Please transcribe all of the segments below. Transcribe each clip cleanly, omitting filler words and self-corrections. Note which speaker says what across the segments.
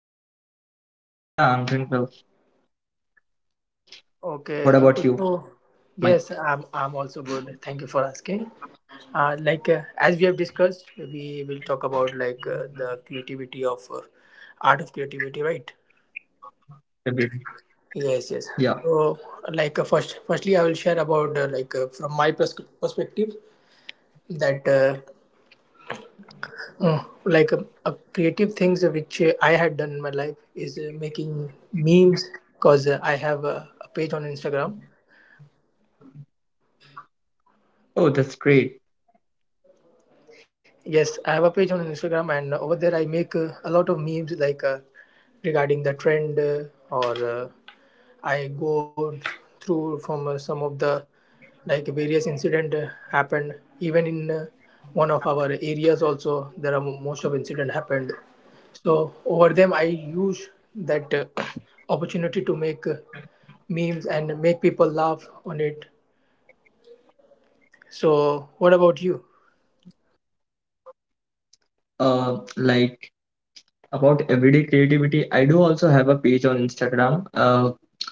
Speaker 1: well.
Speaker 2: Yeah, I'm doing well.
Speaker 1: Okay, Arup.
Speaker 2: What about
Speaker 1: So,
Speaker 2: you?
Speaker 1: yes,
Speaker 2: My
Speaker 1: I'm also good. Thank you for asking. As we have discussed, we will talk about, the creativity of art of creativity, right?
Speaker 2: favorite.
Speaker 1: Yes, yes.
Speaker 2: Yeah.
Speaker 1: So, firstly, I will share about, from my perspective, that creative things which I had done in my life is making memes because I have a page on Instagram.
Speaker 2: Oh, that's great.
Speaker 1: Yes, I have a page on Instagram, and over there I make a lot of memes regarding the trend or I go through from some of the like various incident happened even in one of our areas also there are most of incident happened, so over them I use that opportunity to make memes and make people laugh on it. So what about you?
Speaker 2: Uh, like about everyday creativity, I do also have a page on Instagram.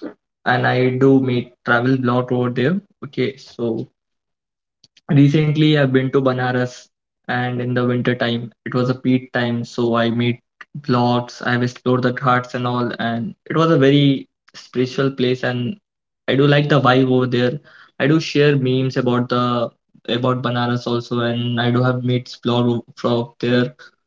Speaker 2: And I do make travel blog over there. Okay, so recently, I've been to Banaras, and in the winter time, it was a peak time, so I made vlogs. I've explored the ghats and all, and it was a very spiritual place, and I do like the vibe over there. I do share memes about the about Banaras also, and I do have mates blog from there.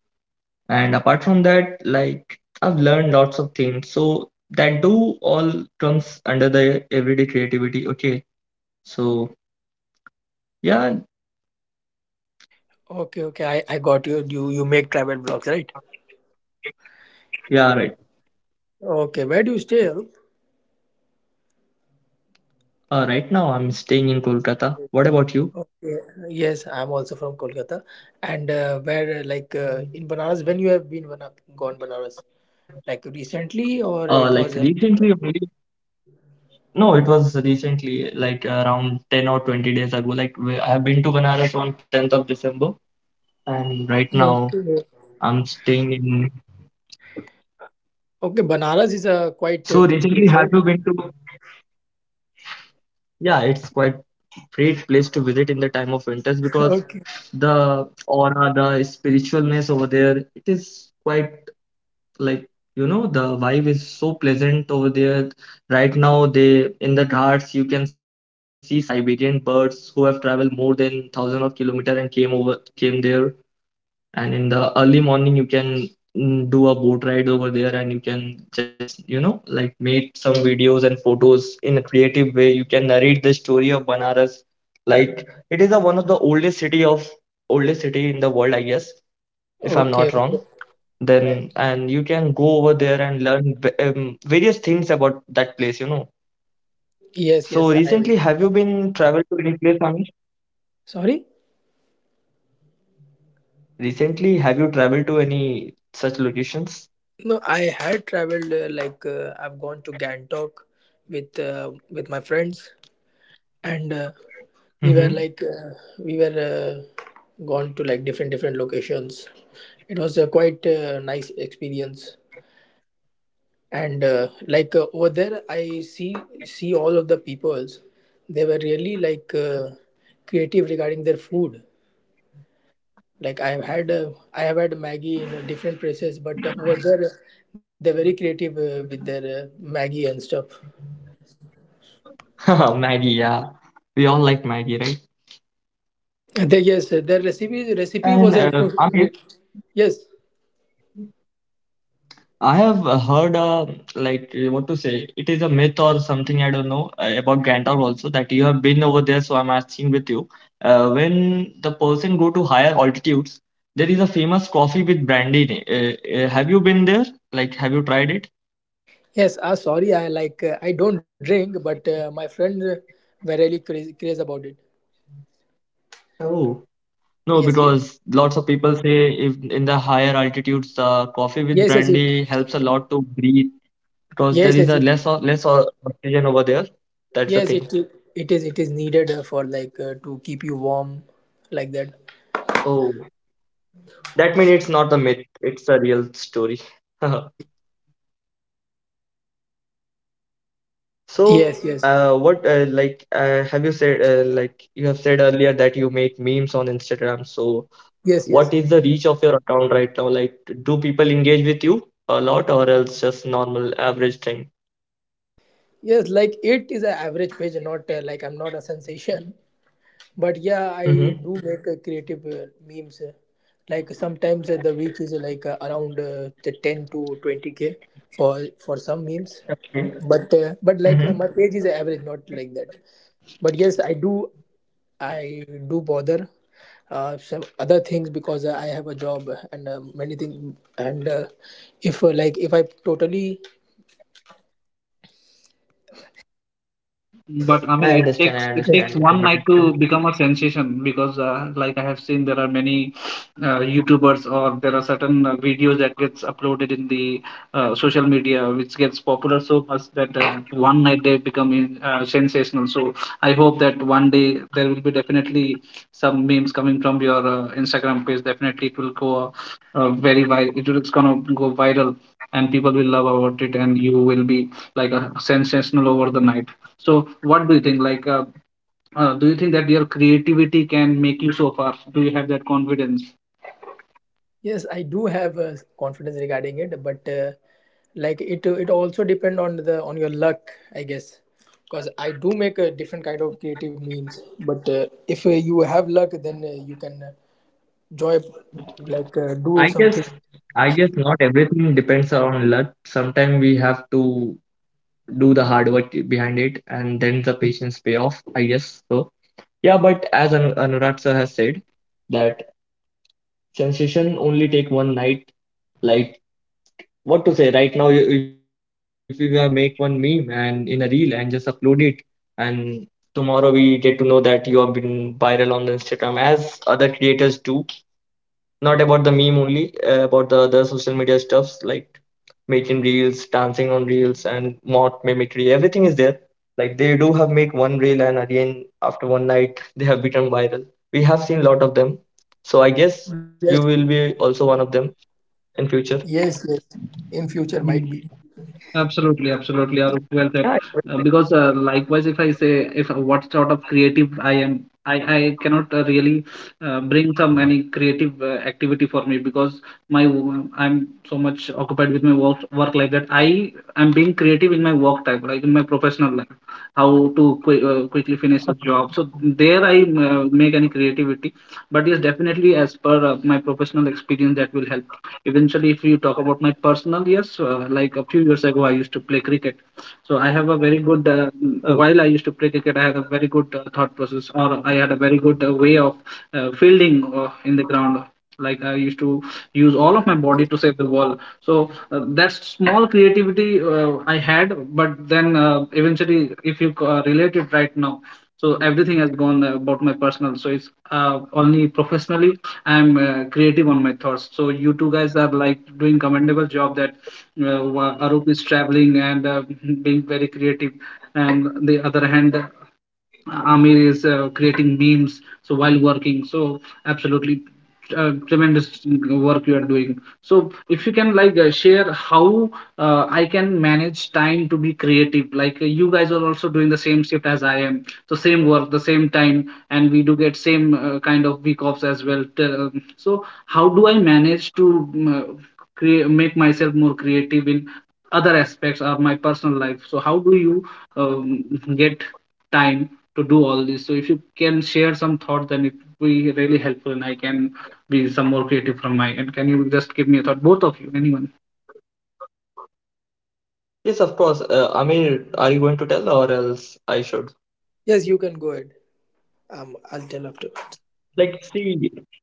Speaker 2: And apart from that, like I've learned lots of things, so that do all comes under the everyday creativity. Okay, so yeah,
Speaker 1: Okay, okay, I got you. You make travel vlogs, right?
Speaker 2: yeah, right.
Speaker 1: Okay, where do you stay, Arup?
Speaker 2: Right now, I'm staying in Kolkata. What about you?
Speaker 1: Okay. Yes, I'm also from Kolkata, and where like in Banaras, when you have gone Banaras, like recently or it was a
Speaker 2: Uh, like recently, only- no, it was recently, like around 10 or 20 days ago. I have been to Banaras on 10th of December, and right
Speaker 1: okay.
Speaker 2: now I'm staying in.
Speaker 1: Okay, Banaras is a quite good
Speaker 2: So
Speaker 1: place, right?
Speaker 2: recently, have you been to? Yeah, it's quite great place to visit in the time of winters
Speaker 1: Okay.
Speaker 2: because the aura, the spiritualness over there, it is quite like, you know, the vibe is so pleasant over there right now. They in the ghats you can see siberian birds who have traveled more than thousand of kilometer and came over came there, and in the early morning you can do a boat ride over there, and you can just, you know, like make some videos and photos in a creative way. You can narrate the story of Banaras, like it is a, one of the oldest city in the world, I guess, if I'm
Speaker 1: Okay,
Speaker 2: not
Speaker 1: okay.
Speaker 2: wrong. Then
Speaker 1: Right.
Speaker 2: and you can go over there and learn various things about that place, you know.
Speaker 1: Yes,
Speaker 2: So
Speaker 1: yes. I
Speaker 2: recently, have you been traveled to any place, Amish?
Speaker 1: sorry.
Speaker 2: Recently, have you traveled to any such locations?
Speaker 1: No, I had traveled I've gone to Gantok with my friends and we were like
Speaker 2: Mm-hmm.
Speaker 1: uh, we were gone to like different different locations. It was a quite nice experience, and over there I see all of the peoples. They were really creative regarding their food. Like I have had maggie in different places, but over there they're very creative with their maggie and stuff.
Speaker 2: Maggie, yeah. We all like Maggie, right?
Speaker 1: And yes, their recipe
Speaker 2: And
Speaker 1: was a
Speaker 2: Amish,
Speaker 1: little- yes.
Speaker 2: I have heard, what to say, it is a myth or something, I don't know, about Gandalf also, that you have been over there, so I'm asking with you. When the person go to higher altitudes, there is a famous coffee with brandy in it. Have you been there? Like, have you tried it?
Speaker 1: Yes, Ah, sorry, I don't drink, but my friends were really crazy about it.
Speaker 2: Oh, no,
Speaker 1: Yes, yes,
Speaker 2: because lots of people say if in the higher altitudes, coffee with
Speaker 1: yes, yes, it,
Speaker 2: brandy helps a lot to breathe because there
Speaker 1: yes,
Speaker 2: is
Speaker 1: yes,
Speaker 2: a
Speaker 1: it,
Speaker 2: less oxygen over there. That's the
Speaker 1: yes,
Speaker 2: thing.
Speaker 1: it it is needed for like to keep you warm, like that.
Speaker 2: Oh. That means it's not a myth; it's a real story.
Speaker 1: Yes,
Speaker 2: So,
Speaker 1: yes,
Speaker 2: what have you said? You have said earlier that you make memes on Instagram. So,
Speaker 1: yes, yes,
Speaker 2: what is the reach of your account right now? Like, do people engage with you a lot, or else just normal average thing?
Speaker 1: yes. Like it is an average page, not like I'm not a sensation, but yeah, I do
Speaker 2: Mm-hmm.
Speaker 1: make creative memes. Like sometimes the reach is like around the 10 to 20K for some memes, but
Speaker 2: Mm-hmm.
Speaker 1: my page is average, not like that. But yes, I do bother some other things because I have a job and many things, and if like if I totally
Speaker 3: But I
Speaker 2: I
Speaker 3: mean, it
Speaker 2: understand. I
Speaker 3: takes it
Speaker 1: yes,
Speaker 2: understand.
Speaker 3: takes
Speaker 2: Got
Speaker 3: one night
Speaker 2: it.
Speaker 3: to become a sensation because, like I have seen, there are many YouTubers, or there are certain videos that gets uploaded in the social media, which gets popular so much that one night they become sensational. So I hope that one day there will be definitely some memes coming from your Instagram page. Definitely, it will go very viral. It will, it's gonna go viral, and people will love about it, and you will be like a sensational over the night. So, what do you think? Like, do you think that your creativity can make you so far? Do you have that confidence?
Speaker 1: yes, I do have confidence regarding it, but it also depend on the on your luck, I guess. Because I do make a different kind of creative memes, but if you have luck then you can joy,
Speaker 2: I
Speaker 1: do
Speaker 2: guess
Speaker 1: something.
Speaker 2: I guess not everything depends on luck. Sometimes we have to do the hard work behind it, and then the patience pay off. I guess so. Yeah, but as Anurag sir has said, that sensation only take one night. Like what to say? Right now, if you have make one meme and in a reel and just upload it, and tomorrow we get to know that you have been viral on the Instagram, as other creators do. Not about the meme only, about the other social media stuffs like making reels, dancing on reels, and mock mimicry. Everything is there. Like they do have make one reel, and again after one night they have become viral. We have seen a lot of them, so I guess
Speaker 1: Yes.
Speaker 2: you will be also one of them in future.
Speaker 1: Yes, yes. In future, might
Speaker 3: Mhm.
Speaker 1: be.
Speaker 3: Absolutely, absolutely. Arup, well said.
Speaker 2: Yeah.
Speaker 3: Because likewise, if I say if what sort of creative I am, I cannot really bring some any creative activity for me, because my I I'm so much occupied with my work life that I am being creative in my work time, like in my professional life, how to quickly finish a job. So there I make any creativity, but yes, definitely, as per my professional experience, that will help eventually. If you talk about my personal, yes, like a few years ago I used to play cricket, so I have a very good, while I
Speaker 2: Uh,
Speaker 3: used to play cricket, I had a very good thought process, or I had a very good way of fielding in the ground. Like I used to use all of my body to save the ball. So that small creativity I had, but then eventually, if you relate it right now, so everything has gone about my personal. So it's only professionally I'm creative on my thoughts. So you two guys are like doing commendable job, that Arup is traveling and being very creative, and the other hand Amir is creating memes so while working. So absolutely tremendous work you are doing. So if you can like share how I can manage time to be creative. Like you guys are also doing the same shift as I am, so same work, the same time, and we do get same kind of week offs as well. So how do I manage to create make myself more creative in other aspects of my personal life? So how do you get time to do all this? So if you can share some thought, then it will be really helpful, and I can be some more creative from my end. Can you just give me a thought, both of you, anyone?
Speaker 2: yes, of course. Amir, are you going to tell, or else I should?
Speaker 1: Yes, you can go ahead. I'll tell afterwards.
Speaker 2: Like, see,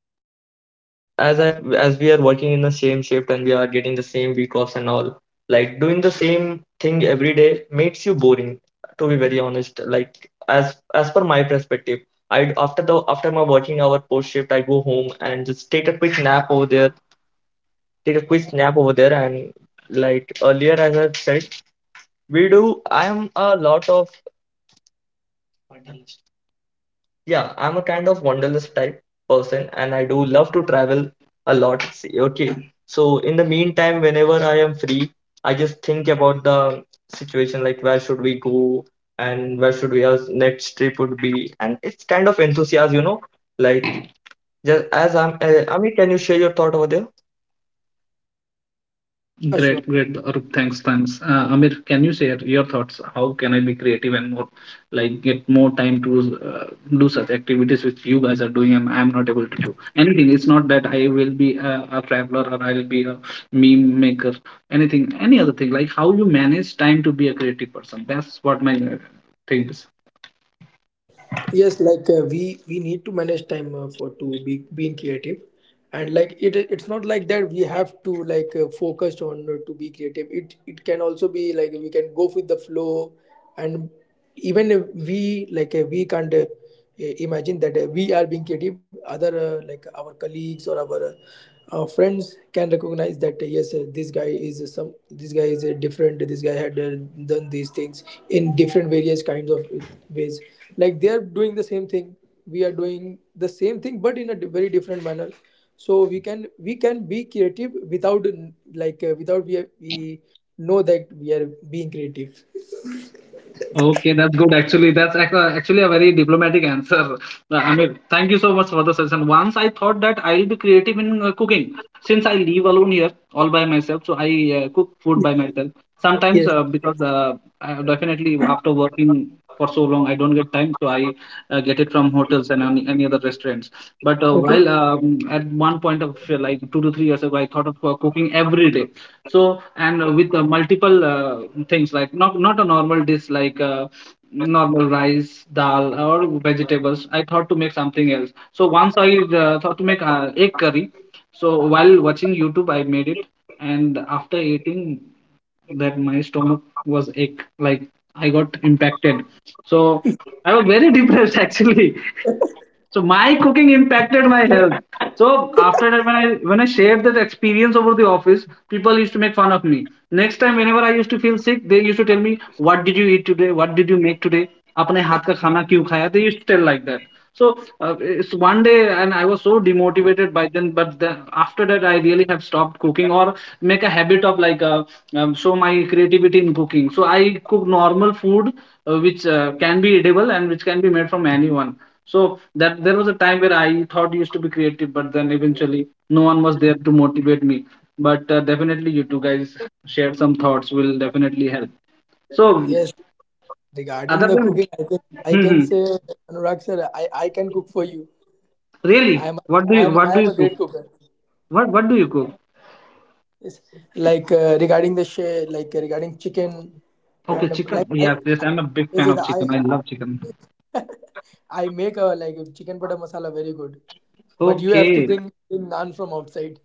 Speaker 2: as I as we are working in the same shift and we are getting the same week offs and all, like doing the same thing every day makes you boring, to be very honest. As per my perspective, I after my working hour post shift, I go home and just take a quick nap over there, take a quick nap over there, and like earlier as I said, we do. I am a lot of, yeah, I'm a kind of wanderlust type person, and I do love to travel a lot. See, okay. So in the meantime, whenever I am free, I just think about the situation like where should we go and where should we our next trip would be. And it's kind of enthusiasm, you know, like Amit, can you share your thought over there?
Speaker 1: Yeah,
Speaker 3: Great,
Speaker 1: sure.
Speaker 3: great, Arup. Thanks, thanks. Amir, can you share your thoughts? How can I be creative and more like get more time to uh, do such activities which you guys are doing and I'm not able to do? Anything. It's not that I will be a traveler, or I'll be a meme maker. Anything, any other thing. Like how you manage time to be a creative person. That's what my thing is.
Speaker 1: Yes, we need to manage time for to be being creative. And it's not like that we have to focused on to be creative. It can also be like we can go with the flow, and even if we can't imagine that we are being creative, other our colleagues or our friends can recognize that, yes, this guy is some, this guy is different, this guy had done these things in different various kinds of ways. Like they are doing the same thing, we are doing the same thing, but in a very different manner. So we can be creative without without we know that we are being creative.
Speaker 3: Okay, that's good. Actually, that's actually a very diplomatic answer. I mean, thank you so much for the session. Once I thought that I'll be creative in cooking, since I live alone here all by myself, so I cook food by
Speaker 1: Yes.
Speaker 3: myself. Sometimes
Speaker 1: Yes,
Speaker 3: because I, definitely after working for so long, I don't get time, so I get it from hotels and any other restaurants. But
Speaker 1: okay.
Speaker 3: while at one point of like 2 to 3 years ago, I thought of cooking every day. So and with multiple things, like not a normal dish, like normal rice dal or vegetables. I thought to make something else, so once I thought to make egg curry. So while watching YouTube, I made it, and after eating that, my stomach was ache. Like I got impacted, so I was very depressed, actually. So my cooking impacted my health. So after that, when I shared that experience over the office, people used to make fun of me. Next time, whenever I used to feel sick, they used to tell me, "What did you eat today? What did you make today? अपने हाथ का खाना क्यों खाया?" They used to tell like that. So it's one day, and I was so demotivated by then. But then after that, I really have stopped cooking or make a habit of like show my creativity in cooking. So I cook normal food which can be edible, and which can be made from anyone. So that there was a time where I thought used to be creative, but then eventually no one was there to motivate me. But definitely, you two guys shared some thoughts, will definitely help. So
Speaker 1: Yes, regarding
Speaker 3: other
Speaker 1: the
Speaker 3: than,
Speaker 1: cooking, I
Speaker 3: hmm,
Speaker 1: can
Speaker 3: hmm.
Speaker 1: say, Anurag sir, I can cook for you.
Speaker 3: Really,
Speaker 1: i am
Speaker 3: what do you what
Speaker 1: I
Speaker 3: do
Speaker 1: am
Speaker 3: you
Speaker 1: a
Speaker 3: cook?
Speaker 1: great cooker.
Speaker 3: What do you cook?
Speaker 1: Yes. Regarding chicken,
Speaker 3: Okay,
Speaker 1: and
Speaker 3: chicken.
Speaker 1: like I
Speaker 3: Yeah, yes, I'm a big
Speaker 1: is
Speaker 3: fan
Speaker 1: it
Speaker 3: of
Speaker 1: I
Speaker 3: chicken. I love chicken.
Speaker 1: I make a like a chicken butter masala, very good. But you have to
Speaker 3: Okay.
Speaker 1: bring naan from outside.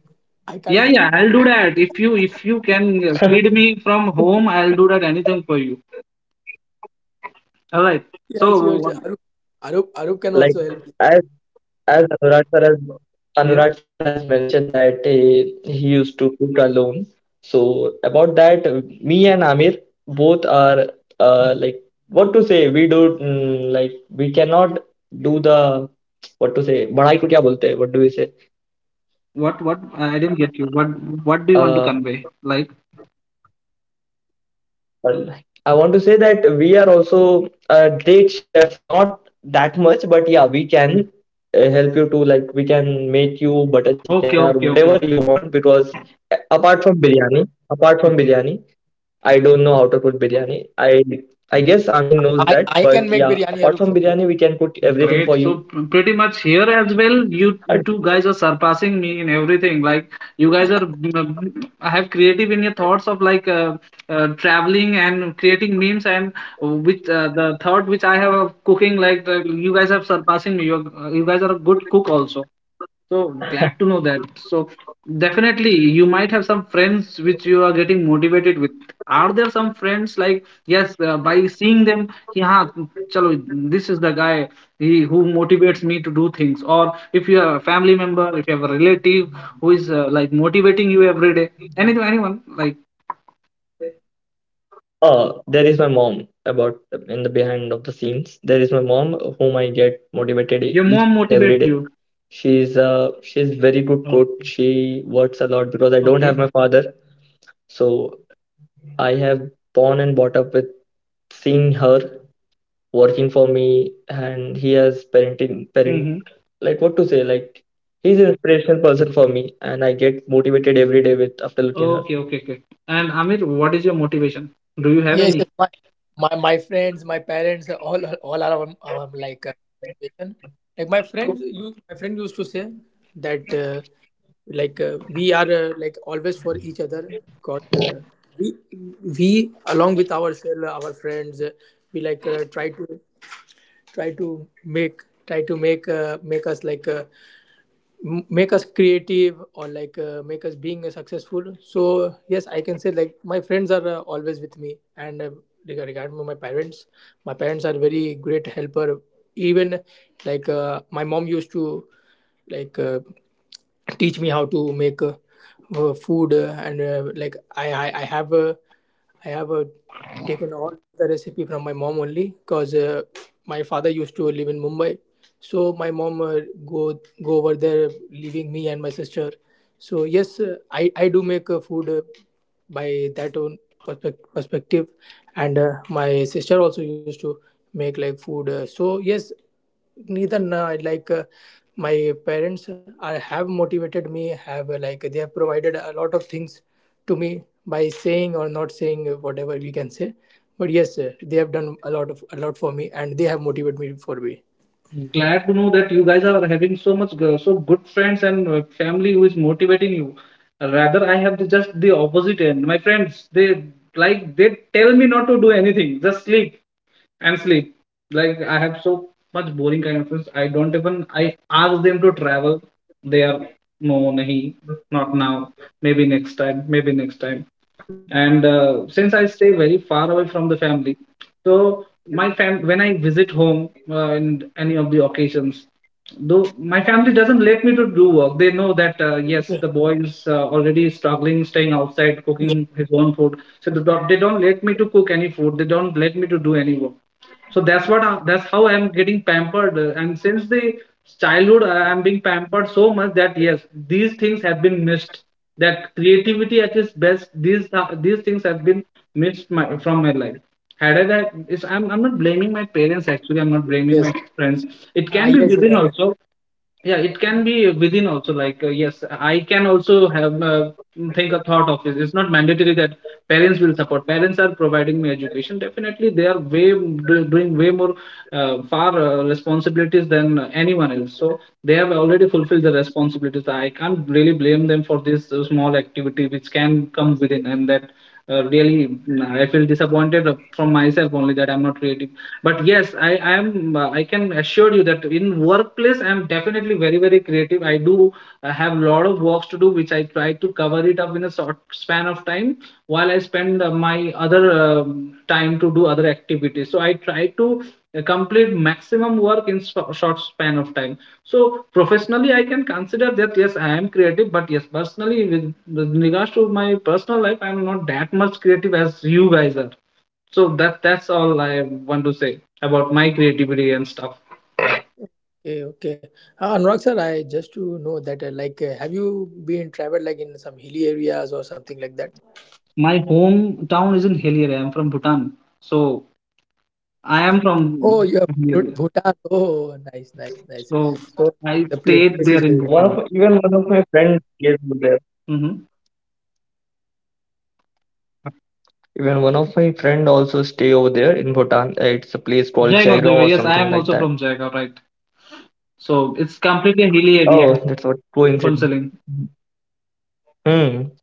Speaker 1: I
Speaker 3: Yeah,
Speaker 1: can't
Speaker 3: yeah,
Speaker 1: make-
Speaker 3: I'll do that. If you can feed me from home, I'll do that. Anything for you. All right.
Speaker 1: Yes, you
Speaker 3: So
Speaker 1: Arup, Arup can also
Speaker 2: Like,
Speaker 1: help you.
Speaker 2: As
Speaker 3: yeah.
Speaker 2: Anurag sir has mentioned that he used to cook alone. So about that, me and Amir both are uh, like what to say. We do like we cannot do the what to say. बड़ाई को क्या बोलते हैं? What do we say?
Speaker 3: What I didn't get you. What do you want to
Speaker 2: uh,
Speaker 3: convey? Like,
Speaker 2: Um, I want to say that we are also a great chef, not that much, but yeah, we can help you to, like, we can make you butter
Speaker 3: okay,
Speaker 2: chicken or
Speaker 3: okay, okay,
Speaker 2: whatever
Speaker 3: okay.
Speaker 2: you want because apart from
Speaker 3: Okay.
Speaker 2: biryani, I don't know how to cook biryani. I guess Amin knows that,
Speaker 1: I
Speaker 2: but
Speaker 1: can make
Speaker 2: yeah,
Speaker 1: biryani,
Speaker 2: apart
Speaker 1: Arup,
Speaker 2: from
Speaker 1: for you.
Speaker 2: biryani, we can cook everything
Speaker 3: Great.
Speaker 2: for
Speaker 3: So
Speaker 2: you.
Speaker 3: pretty much here as well, you two guys are surpassing me in everything. Like you guys are have creative in your thoughts of like traveling and creating memes, and which the thought which I have of cooking. Like you guys have surpassing me. You guys are a good cook also. So glad to know that. So definitely you might have some friends which you are getting motivated with. Are there some friends, like yes, by seeing them, yeah, chalo, this is the guy, he who motivates me to do things. Or if you have a family member, if you have a relative who is like motivating you every day, anything, anyone like
Speaker 2: Oh, there is my mom about in the behind of the scenes. There is my mom whom I get motivated
Speaker 3: your
Speaker 2: each
Speaker 3: mom
Speaker 2: and every day.
Speaker 3: motivates you.
Speaker 2: She's very good
Speaker 3: Oh,
Speaker 2: coach. She works a lot because I don't have
Speaker 3: okay.
Speaker 2: my father. So I have born and brought up with seeing her working for me, and he has parent,
Speaker 3: Mm-hmm.
Speaker 2: like what to say, like he's an inspirational person for me, and I get motivated every day with after looking her.
Speaker 3: Okay, okay, okay. And Amir, what is your motivation? Do you have
Speaker 1: Yes,
Speaker 3: any?
Speaker 1: yes, my friends, my parents, all are like my friends. My friend used to say that we are like always for each other because we we along with ourselves, our friends, we like try to try to make try to make make us make us creative, or make us being successful. So yes, I can say like my friends are always with me, and regarding my parents, my parents are very great helper. Even my mom used to like uh, teach me how to make food, and I have taken all the recipe from my mom only because my father used to live in Mumbai, so my mom go over there leaving me and my sister. So yes, I do make food by that own perspective, and my sister also used to make like food. So yes, neither na- like my parents are, have motivated me, have they have provided a lot of things to me by saying or not saying, whatever we can say. But yes, they have done a lot of a lot for me, and they have motivated me for me.
Speaker 3: Glad to know that you guys are having so much so good friends and family who is motivating you. Rather, I have just the opposite end. My friends, they, like, they tell me not to do anything, just sleep and sleep. Like I have so much boring kind of friends. I don't even I ask them to travel. They are no, nahi, not now. Maybe next time. Maybe next time. And since I stay very far away from the family, so my fam when I visit home in any of the occasions, though my family doesn't let me to do work. They know that yes, the
Speaker 1: Okay.
Speaker 3: boy is already struggling staying outside, cooking
Speaker 1: Yes,
Speaker 3: his own food, so they don't let me to cook any food. They don't let me to do any work. So that's what that's how I'm getting pampered, and since the childhood I'm being pampered so much that yes, these things have been missed. That creativity at its best, these things have been missed from my life. Had i that is, I'm not blaming my parents. Actually, I'm not blaming my
Speaker 1: yes.
Speaker 3: friends. It can be
Speaker 1: Ah, yes,
Speaker 3: within
Speaker 1: yes, I can.
Speaker 3: also. Yeah, it can be within also. Like, yes, I can also have think a thought of it. It's not mandatory that parents will support. Parents are providing me education. Definitely, they are way doing way more far responsibilities than anyone else. So they have already fulfilled the responsibilities. I can't really blame them for this small activity which can come within, and that really I feel disappointed from myself only, that I'm not creative. But yes, I can assure you that in workplace, I'm definitely very, very creative. I do. I have lot of works to do, which I try to cover it up in a short span of time, while I spend my other time to do other activities. So I try to complete maximum work in short span of time. So professionally, I can consider that yes, I am creative, but yes, personally, with regards to my personal life, I'm not that much creative as you guys are. So that's all I want to say about my creativity and stuff.
Speaker 1: Okay, okay, Anurag sir, I just to know that have you been traveled like in some hilly areas or something like that?
Speaker 3: My hometown is in hill area. I am from Bhutan, so I am from
Speaker 1: Oh, you have
Speaker 3: Hillier.
Speaker 1: Bhutan,
Speaker 2: Oh,
Speaker 1: oh,
Speaker 2: that's a
Speaker 1: nice,
Speaker 2: great
Speaker 1: nice, nice.
Speaker 3: So
Speaker 2: place.
Speaker 1: So
Speaker 3: I
Speaker 1: like, the
Speaker 3: stayed
Speaker 1: place is
Speaker 3: there in
Speaker 1: very
Speaker 3: Bhutan.
Speaker 2: One of even one of my friends gave me the
Speaker 3: Mm-hmm.
Speaker 2: Even one of my friend also stay over there in Bhutan. It's a place called
Speaker 3: Jaigaon,
Speaker 2: Jaigam
Speaker 3: Jaigaon.
Speaker 2: or
Speaker 3: Yes, I am
Speaker 2: something
Speaker 3: also
Speaker 2: like
Speaker 3: from
Speaker 2: that.
Speaker 3: Jaigaon, right? So it's completely hilly
Speaker 2: Oh,
Speaker 3: area.
Speaker 2: that's what coincidence.
Speaker 3: Funsaling.
Speaker 2: Hmm.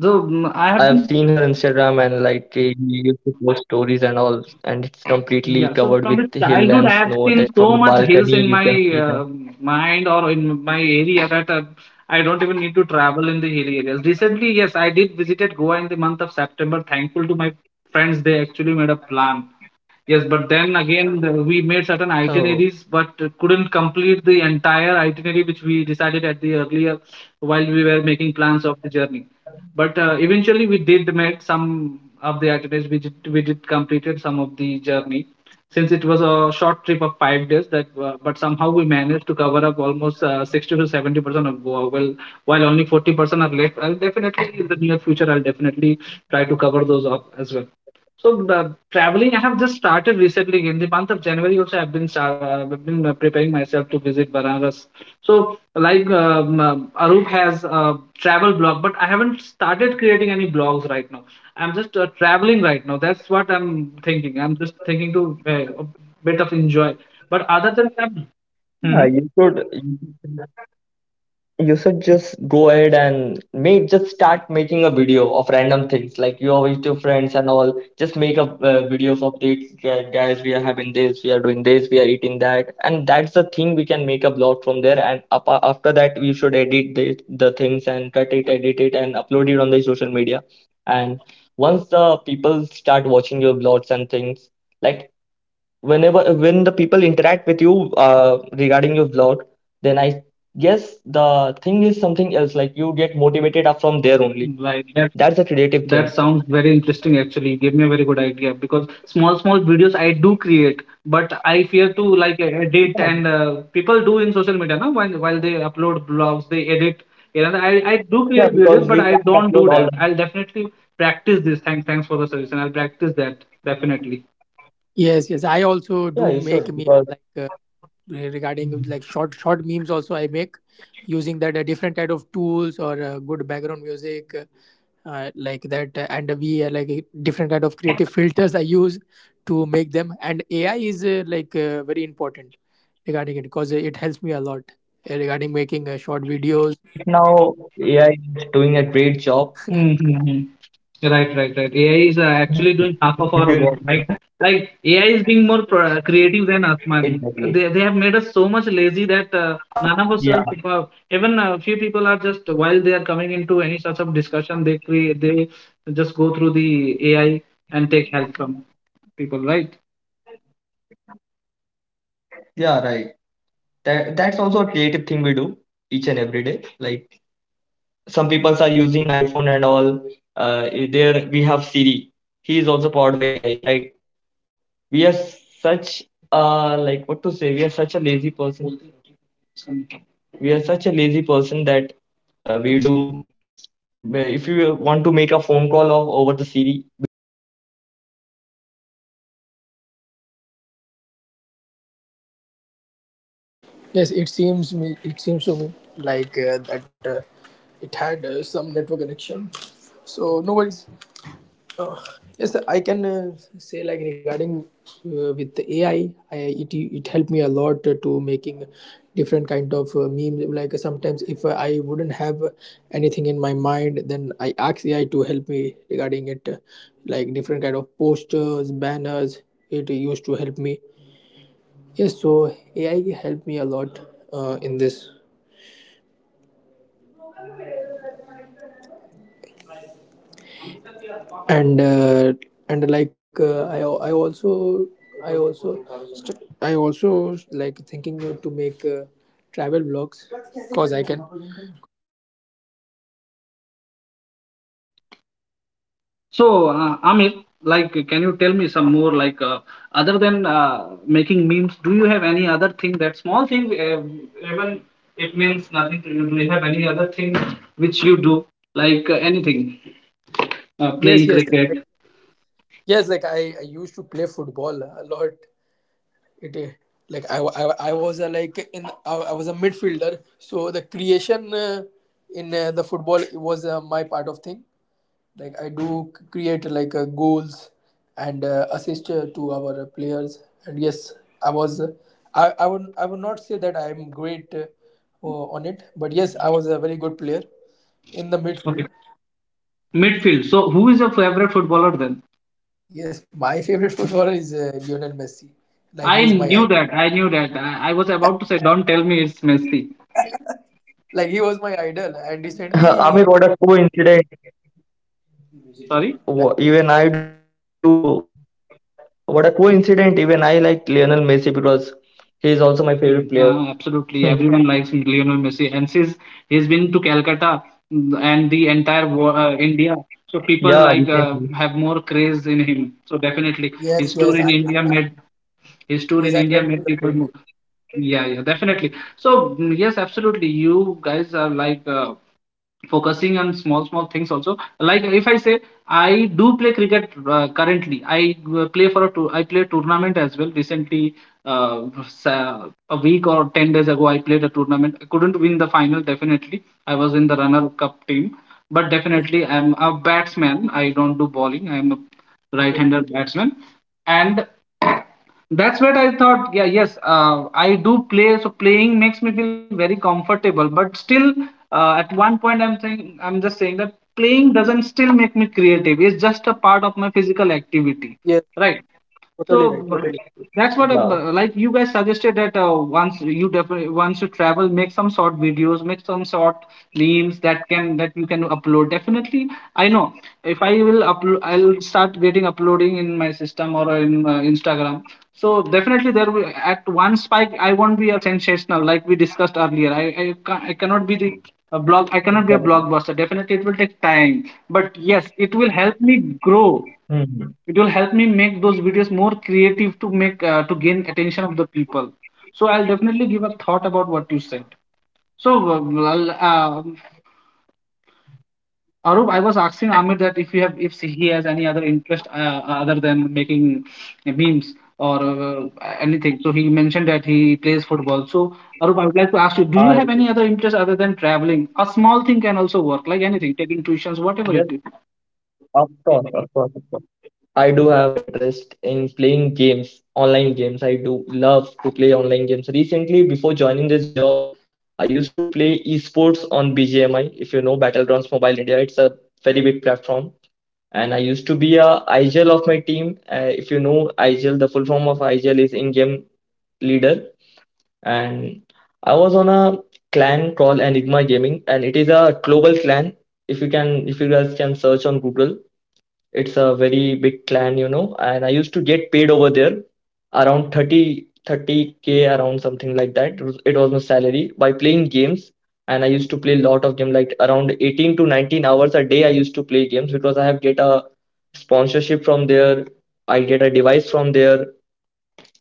Speaker 3: So I have
Speaker 2: I've
Speaker 3: been,
Speaker 2: seen her Instagram, and like she used to post stories and all, and it's completely
Speaker 3: yeah. So
Speaker 2: covered
Speaker 3: from
Speaker 2: with
Speaker 3: the
Speaker 2: hill
Speaker 3: childhood,
Speaker 2: and
Speaker 3: I have
Speaker 2: snow
Speaker 3: seen
Speaker 2: that from
Speaker 3: so
Speaker 2: the
Speaker 3: much hills
Speaker 2: balcony
Speaker 3: in
Speaker 2: you
Speaker 3: my
Speaker 2: can see
Speaker 3: uh,
Speaker 2: that.
Speaker 3: mind or in my area that I don't even need to travel in the hilly areas. Recently, yes, I did visited Goa in the month of September. Thankful to my friends, they actually made a plan. Yes, but then again, we made certain
Speaker 2: Oh,
Speaker 3: itineraries, but couldn't complete the entire itinerary which we decided at the earlier while we were making plans of the journey. But eventually, we did made some of the itineraries. We did completed some of the journey, since it was a short trip of 5 days. That But somehow we managed to cover up almost 60 to 70% of Goa. Well, while only 40% are left, I'll definitely in the near future, I'll definitely try to cover those up as well. So the traveling, I have just started recently in the month of January. Also, I've been preparing myself to visit Banaras. So, like Arup has a travel blog, but I haven't started creating any blogs right now. I'm just traveling right now. That's what I'm thinking. I'm just thinking to a bit of enjoy. But other than that.
Speaker 2: yeah,
Speaker 3: Mhm.
Speaker 2: you could. You should just go ahead and make just start making a video of random things, like you always do friends and all. Just make a videos of dates, guys, we are having this, we are doing this, we are eating that, and that's the thing. We can make a blog from there, and after that we should edit the things and cut it, edit it, and upload it on social media. And once the people start watching your blogs and things, like whenever when the people interact with you regarding your vlog, then I guess the thing is something else, like you get motivated up from there only.
Speaker 3: Like that.
Speaker 2: That's a creative thing.
Speaker 3: That sounds very interesting actually. You gave me a very good idea because small small videos I do create, but I fear to like edit
Speaker 2: Yeah,
Speaker 3: and people do in social media now while they upload blogs they edit. You know, I do
Speaker 2: yeah,
Speaker 3: create videos,
Speaker 2: because
Speaker 3: but
Speaker 2: we
Speaker 3: I
Speaker 2: can't
Speaker 3: don't do
Speaker 2: upload all
Speaker 3: that.
Speaker 2: the,
Speaker 3: I'll definitely practice this. Thanks for the suggestion. I'll practice that definitely.
Speaker 1: Yes, yes. I also
Speaker 2: yeah,
Speaker 1: do
Speaker 2: you should
Speaker 1: make memes
Speaker 2: because,
Speaker 1: regarding like short short memes. Also, I make using that different kind of tools or good background music, and we different kind of creative filters I use to make them. And AI is very important regarding it because it helps me a lot regarding making short
Speaker 2: yeah,
Speaker 1: videos.
Speaker 2: right now AI is doing a great job.
Speaker 3: Hmm, hmm, hmm. Right, right, right. AI is
Speaker 2: if you
Speaker 3: actually doing half
Speaker 2: know,
Speaker 3: of our work, right? Like AI is being more creative
Speaker 2: exactly.
Speaker 3: than us, man. They have made us so much
Speaker 2: uh,
Speaker 3: lazy
Speaker 2: yeah
Speaker 3: that none of us are even a few people are just while they are coming into any such of discussion, they just go through the AI and take help from people, right?
Speaker 2: yeah, right, that, that's also a creative thing we do each and every day. Like some people are using iPhone and all, uh, there we have Siri. He is also powered by AI, right? We are such, what to say, we are such a lazy person, that, we do, if you want to make a phone call of over the Siri, we just say, "Hey Siri, can you make, can you call this person or can you just text this person this this this that I'm busy right now."
Speaker 1: Yes, it seems
Speaker 2: We are
Speaker 1: me. It
Speaker 2: just
Speaker 1: seems to me
Speaker 2: so lazy
Speaker 1: like
Speaker 2: that we
Speaker 1: that
Speaker 2: can't
Speaker 1: it
Speaker 2: get
Speaker 1: had
Speaker 2: over it,
Speaker 1: some
Speaker 2: get
Speaker 1: network
Speaker 2: over to it the
Speaker 1: connection. So no worries. Uh, yes, I can say like regarding with AI, I it helped me a lot to making different kind of memes. Like sometimes if I wouldn't have
Speaker 2: I've said
Speaker 1: anything
Speaker 2: earlier,
Speaker 1: in my mind, then I
Speaker 2: and
Speaker 1: ask
Speaker 2: as
Speaker 1: AI to
Speaker 2: Anurag Bhai
Speaker 1: help
Speaker 2: has
Speaker 1: me
Speaker 2: said that
Speaker 1: regarding it,
Speaker 2: I have
Speaker 1: like
Speaker 2: been
Speaker 1: different kind of posters,
Speaker 2: visit to
Speaker 1: banners.
Speaker 2: Goa,
Speaker 1: It
Speaker 2: and I
Speaker 1: used to
Speaker 2: also
Speaker 1: help
Speaker 2: want to
Speaker 1: me.
Speaker 2: say that recently
Speaker 1: Yes,
Speaker 2: in
Speaker 1: so
Speaker 2: this year,
Speaker 1: AI
Speaker 2: January,
Speaker 1: helped
Speaker 2: in
Speaker 1: me
Speaker 2: the
Speaker 1: a
Speaker 2: month of
Speaker 1: lot
Speaker 2: January, I have
Speaker 1: in this.
Speaker 2: also made a visit to ja Jammu and Kashmir.
Speaker 1: And I also I also I also like thinking to make travel vlogs because I can.
Speaker 3: So, Amir, like, can you tell me some more, like, other than making memes, do you have any other thing, that small thing, even it means nothing to you, do you have any other thing which you do, like anything,
Speaker 1: Yes,
Speaker 3: playing cricket?
Speaker 1: yes. Like I used to play football a lot. It like I, wa- I, wa- I was a, I was a midfielder, so the creation in the football was my part of thing. Like I do create goals and assist to our players. And yes, I was I would I would not say that I am great on it, but yes, I was a very good player in the
Speaker 3: Okay.
Speaker 1: midfield.
Speaker 3: Midfield. So, who is your favorite footballer then?
Speaker 1: Yes, my favorite footballer is Lionel Messi. Like he's
Speaker 3: I
Speaker 1: my idol.
Speaker 3: knew that. I knew that. I was about to say, don't tell me it's Messi.
Speaker 1: Like he was my idol, and recently he,
Speaker 2: Huh, Amir, what a coincidence.
Speaker 3: Sorry.
Speaker 1: like,
Speaker 2: Even I do. What a coincidence. Even I like Lionel Messi because he is also my favorite player.
Speaker 3: Absolutely,
Speaker 2: Hmm.
Speaker 3: everyone likes Lionel Messi, and since he's been to Calcutta, and the entire India, so
Speaker 2: Yeah,
Speaker 3: people like
Speaker 2: recently.
Speaker 3: have more craze in him. So definitely,
Speaker 1: yes, yes, I
Speaker 3: His tour
Speaker 1: yes,
Speaker 3: in
Speaker 1: I
Speaker 3: India
Speaker 1: went to
Speaker 3: made
Speaker 1: the
Speaker 3: people
Speaker 1: good
Speaker 3: more.
Speaker 1: book.
Speaker 3: Yeah, yeah, definitely. So yes, absolutely, you guys are like, focusing on small small things also. Like, if I say, I do play cricket, currently I play for a tour, I play tournament as well recently. A week or 10 days ago, I played a tournament. I couldn't win the final. Definitely, I was in the runner cup team, but definitely, I'm a batsman. I don't do bowling. I'm a right
Speaker 1: Okay.
Speaker 3: hander batsman. And that's what I thought. Yeah, yes, I do play. So playing makes me feel very comfortable. But still, at one point, I'm saying, I'm just saying that playing doesn't still make me creative. It's just a part of my physical activity,
Speaker 1: Yes,
Speaker 3: right?
Speaker 1: totally right,
Speaker 3: So
Speaker 1: totally.
Speaker 3: b- that's what,
Speaker 2: Yeah,
Speaker 3: like you guys suggested, that once you definitely once you travel, make some short videos, make some short memes that can that you can upload. Definitely, I know if I will upload, I'll start getting uploading in my system or in Instagram. So definitely, there will at one spike, I won't be a sensational like we discussed earlier. I cannot be the a blog. I cannot be a
Speaker 2: exactly.
Speaker 3: blockbuster. Definitely, it will take time. But yes, it will help me grow.
Speaker 2: Hmm.
Speaker 3: It will help me make those videos more creative, to gain attention of the people. So I'll definitely give a thought about what you said. So well, Arup, I was asking Amir that if you have if he has any other interest other than making memes or uh, anything. So he mentioned that he plays football. So Arup, I would like to ask you, do you have
Speaker 2: I
Speaker 3: any other interest other than traveling? A small thing can also work, like anything, taking tuitions, whatever
Speaker 2: Yes,
Speaker 3: it is.
Speaker 2: of course, of course, of course. I do have interest in playing games, online games. I do love to play online games. Recently, before joining this job, I used to play esports on BGMI. If you know Battlegrounds Mobile India, it's a very big platform, and I used to be a IGL of my team. If you know IGL, the full form of IGL is in-game leader, and I was on a clan called Enigma Gaming, and it is a global clan. If you guys can search Google, it's a very big clan, and I used to get paid over there around 30K, around something like that. It was my salary by playing games. And I used to play a lot of games, like around 18 to 19 hours a day. I used to play games because I have get a sponsorship from there. I get a device from there,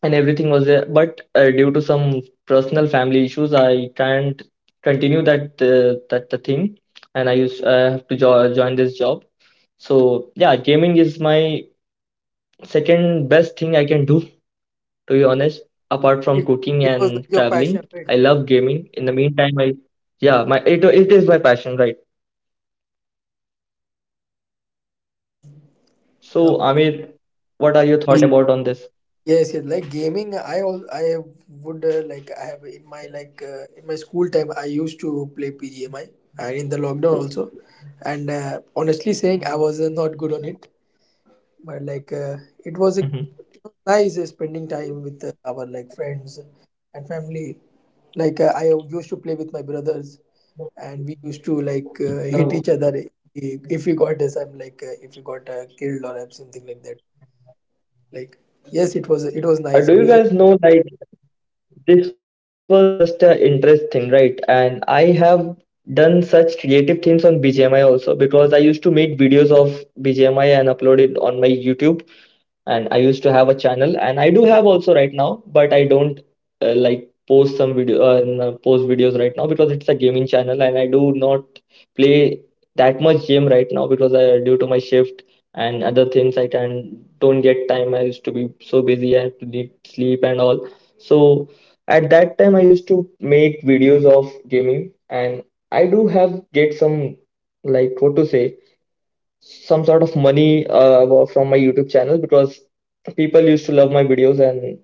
Speaker 2: and everything was there, but due to some personal family issues, I can't continue that the thing. And I have to join this job. So, yeah, gaming is my second best thing I can do, to be honest, apart
Speaker 1: it,
Speaker 2: from
Speaker 1: it
Speaker 2: cooking
Speaker 1: was like your
Speaker 2: and
Speaker 1: passion,
Speaker 2: traveling.
Speaker 1: right?
Speaker 2: I love gaming in the meantime. I Yeah, my it is my passion, right? So,
Speaker 1: Okay.
Speaker 2: Amir, what are your
Speaker 3: Hmm.
Speaker 2: thought about on this?
Speaker 1: Yes, yes. Like gaming, I would I have in my in my school time I used to play PGMI and in the lockdown also, and honestly saying I was not good on it, but it was a
Speaker 2: Mhm.
Speaker 1: it was nice spending time with our like friends and family. I used to play with my brothers, and we used to hit
Speaker 2: Oh,
Speaker 1: each other if we got this. I'm like if we got killed or something like that. Like yes, it was
Speaker 2: do
Speaker 1: nice.
Speaker 2: you guys know, like, this was just an interest thing, right? And I have done such creative things on BGMI also, because I used to make videos of BGMI and upload it on my YouTube. And I used to have a channel, and I do have also right now, but I like, post videos right now, because it's a gaming channel, and I do not play that much game right now because I due to my shift and other things, I can don't get time. I used to be busy, I have to need sleep and all. So at that time, I used to make videos of gaming, and I do have get some, like, what to say, some sort of money from my YouTube channel, because people used to love my videos, and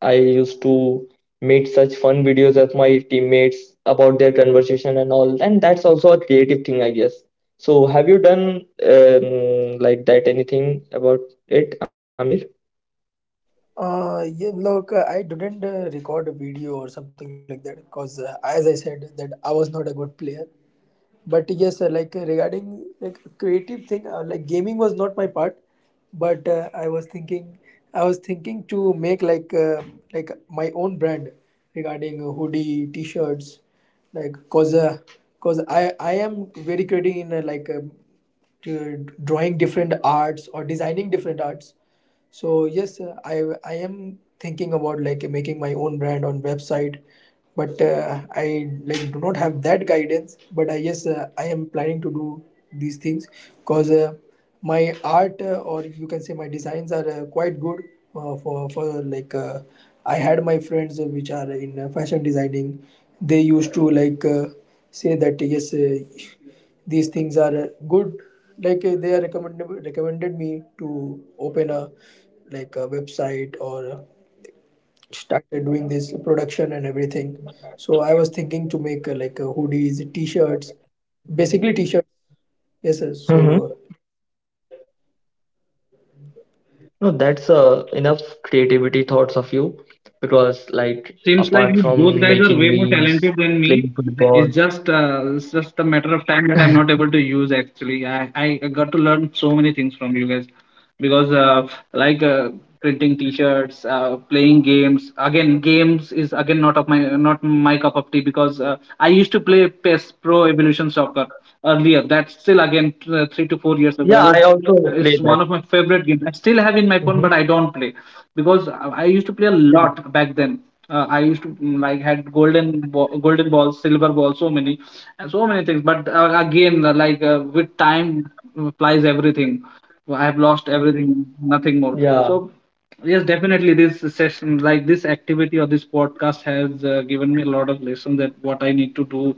Speaker 2: I used to make such fun videos of my teammates about their conversation and all. And that's also a creative thing, I guess. So, have you done like, that anything about it, Amir?
Speaker 1: Yeah, look, I didn't record a video or something like that because, as I said, that I was not a good player. But yes, like regarding like creative thing, like gaming was not my part. But I was thinking to make like my own brand regarding hoodie, t-shirts, like cause I am very creative in like to drawing different arts or designing different arts. So yes, I am thinking about like making my own brand on website, but I like do not have that guidance. But I, yes, I am planning to do these things because my art or you can say my designs are quite good for like I had my friends which are in fashion designing. They used to like say that yes. These things are good like they are recommended me to open a like a website or started doing this production and everything. So I was thinking to make like hoodies, t-shirts, basically t-shirts. Yes, sir. So
Speaker 2: Mm-hmm. No, that's enough creativity thoughts of you, because, like,
Speaker 3: Seems like you
Speaker 2: apart
Speaker 3: both guys
Speaker 2: from
Speaker 3: are way
Speaker 2: making
Speaker 3: more talented
Speaker 2: memes,
Speaker 3: than me.
Speaker 2: playing football,
Speaker 3: It's just a matter of time that I'm not able to use actually. I got to learn so many things from you guys, because like printing t-shirts, playing games. Again, games is again not my cup of tea, because I used to play PES, Pro Evolution Soccer, earlier. That's still again 3 to 4 years ago I
Speaker 2: yeah, I
Speaker 3: was.
Speaker 2: also play
Speaker 3: It's
Speaker 2: that.
Speaker 3: one of my favorite games. I still have in my phone, but I
Speaker 2: Mm-hmm.
Speaker 3: don't play because I used to play a lot back then. I used to, like, had golden ball, golden balls silver balls, so many and so many things. But again, like, with time flies everything. Well, I have lost everything, nothing more. So,
Speaker 2: Yeah.
Speaker 3: yes, definitely this session, like this activity or this podcast, has given me a lot of lesson that what I need to do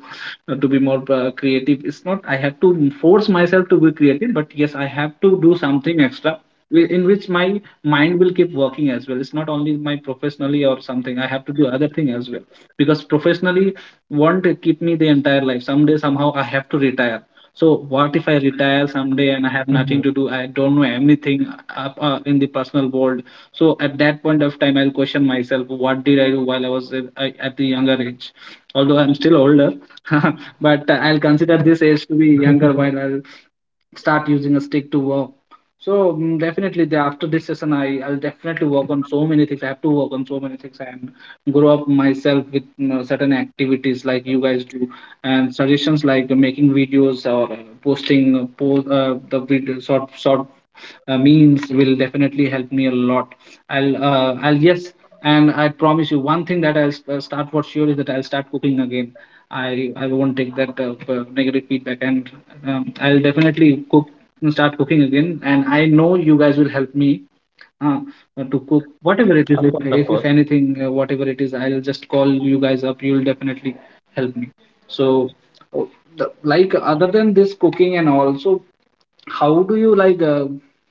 Speaker 3: to be more creative. It's not I have to force myself to be creative, but yes, I have to do something extra in which my mind will keep working as well. It's not only my professionally or something, I have to do other thing as well, because professionally won't keep me the entire life. Someday somehow I have to retire. So what if I retire someday and I have nothing to do? I
Speaker 2: Mhm.
Speaker 3: don't know anything in the personal world. So at that point of time, I'll question myself: what did I do while I was at, at the younger age? Although I'm still older, but I'll consider this age to be younger while I'll start using a stick to walk. So definitely, after this session, I'll definitely work on so many things. I have to work on so many things and grow up myself with, you know, certain activities like you guys do, and suggestions like making videos or posting post the video, short short means, will definitely help me a lot. I'll, yes, and I promise you one thing that I'll start for sure, is that I'll start cooking again. I won't take that negative feedback, and I'll definitely cook start cooking again. And I know you guys will help me uh, to cook whatever it is.
Speaker 2: Of course,
Speaker 3: If,
Speaker 2: of
Speaker 3: if
Speaker 2: course.
Speaker 3: anything, whatever it is, I'll just call you guys up. You'll definitely help me. So, oh, like other than this cooking, and also how do you like uh,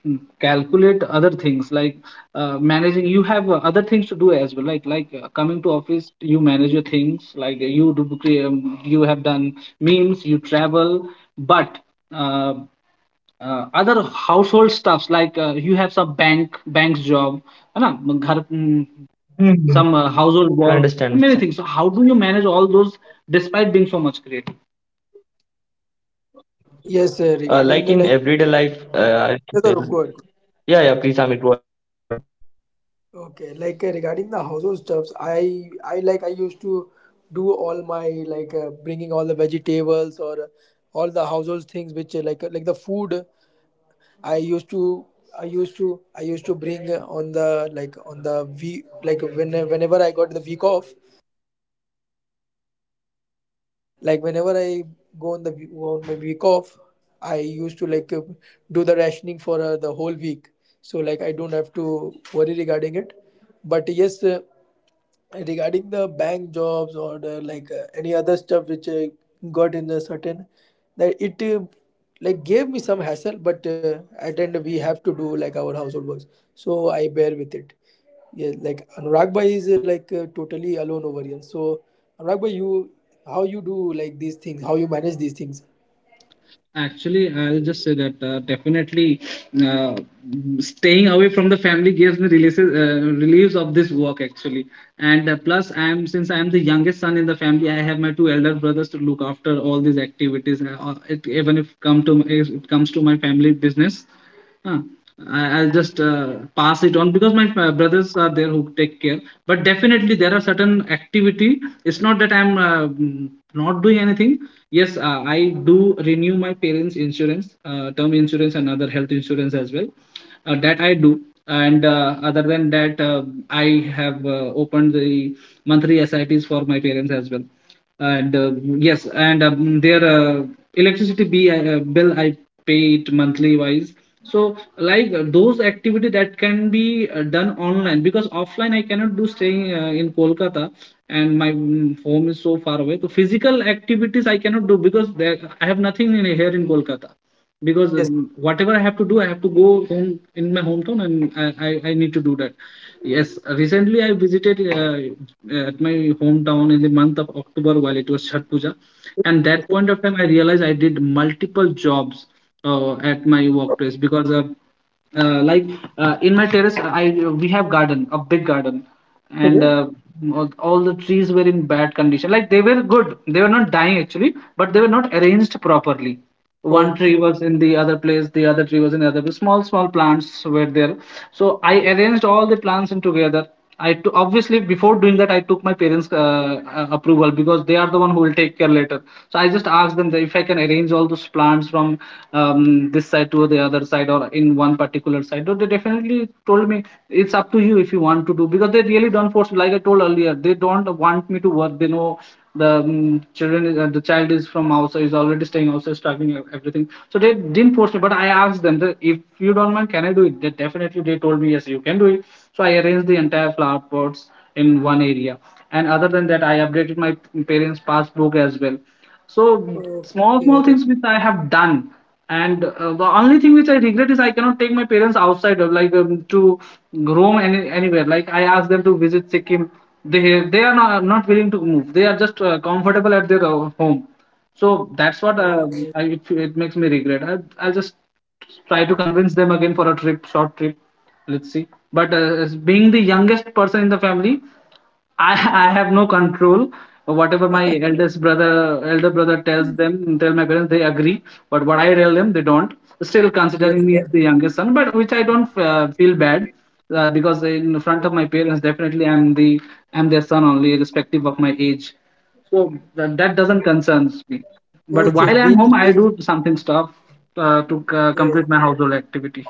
Speaker 3: mm, calculate other things like managing? You have other things to do as well, like coming to office, you manage your things, like you do you have done memes, you travel. But uh, other household stuffs, like you have some bank's job, है ना घर, some
Speaker 2: Mhm.
Speaker 3: household work,
Speaker 2: I
Speaker 3: many
Speaker 2: understand.
Speaker 3: things. So
Speaker 2: understand.
Speaker 3: how do you manage all those despite being so much creative?
Speaker 1: yes, regarding
Speaker 2: Like,
Speaker 1: the
Speaker 2: in
Speaker 1: like,
Speaker 2: everyday life, I can
Speaker 1: yes, sir, go ahead.
Speaker 2: yeah, yeah. Please, Amit, go ahead.
Speaker 1: Okay, like regarding the household stuffs, I like I used to do all my like bringing all the vegetables or all the household things which like the food I used to I used to I used to bring on the like on the week, like whenever I got the week off, like whenever I go on the on my week off. I used to like do the rationing for the whole week, so like I don't have to worry regarding it. But yes, regarding the bank jobs or the, like any other stuff which I got in a certain, that it like gave me some hassle. But at end we have to do like our household works, so I bear with it. Yeah, like Anurag bhai is like totally alone over here, so Anurag bhai, you, how you do like these things, how you manage these things?
Speaker 3: Actually, I'll just say that definitely uh, staying away from the family gives me releases, relieves of this work actually. And plus, I'm since I'm the youngest son in the family, I have my two elder brothers to look after all these activities. It, even if come to if it comes to my family business, huh, I'll just pass it on because my brothers are there who take care. But definitely there are certain activity. It's not that I'm not doing anything. Yes, I do renew my parents' insurance, term insurance, and other health insurance as well. That I do. And other than that, I have opened the monthly SIPs for my parents as well, and yes, and their bill I pay it monthly wise. So like those activity that can be done online, because offline I cannot do staying in Kolkata, and my home is so far away, so physical activities I cannot do because there, I have nothing in, here in Kolkata, because
Speaker 1: Yes.
Speaker 3: whatever I have to do, I have to go home in my hometown, and I need to do that. Yes, recently I visited at my hometown in the month of October while it was Chhat Puja, and that
Speaker 1: Okay,
Speaker 3: point of time I realized I did multiple jobs at my workplace, because like in my terrace, I we have garden, a big garden, and all the trees were in bad condition. Like they were good, they were not dying actually, but they were not arranged properly. One tree
Speaker 1: okay,
Speaker 3: was in the other place, the other tree was in the other place. Small small plants were there. So I arranged all the plants in together. Obviously before doing that, I took my parents' approval, because they are the one who will take care later. So I just asked them that if I can arrange all those plants from this side to the other side or in one particular side. So they definitely told me it's up to you if you want to do, because they really don't force. Like I told earlier, they don't want me to work. They know the child is from outside is already staying outside struggling and everything, so they didn't force me, but I asked them that if you don't mind can I do it, they definitely they told me yes, you can do it. So I arranged the entire flower pots in one area. And other than that, I updated my parents passbook as well. So
Speaker 1: okay,
Speaker 3: small small things
Speaker 1: okay.
Speaker 3: which I have done. And the only thing which I regret is I cannot take my parents outside of, like, to roam any, anywhere. Like I asked them to visit Sikkim, they are not willing to move, they are just comfortable at their home. So that's
Speaker 1: Oh,
Speaker 3: what it makes me regret. I just try to convince them again for a trip, short trip. Let's see, but as being the youngest person in the family, I have no control. Whatever my eldest brother elder brother tells them, tell my parents, they agree. But what I tell them, they don't. Still
Speaker 1: yes,
Speaker 3: considering me as the youngest son, but which I don't feel bad, because in front of my parents, definitely I'm their son only, irrespective of my age. So that doesn't concerns me.
Speaker 1: yes,
Speaker 3: But
Speaker 1: yes.
Speaker 3: while I'm
Speaker 1: being
Speaker 3: home, I
Speaker 1: being
Speaker 3: do something stuff to
Speaker 1: Yes.
Speaker 3: complete my household activity.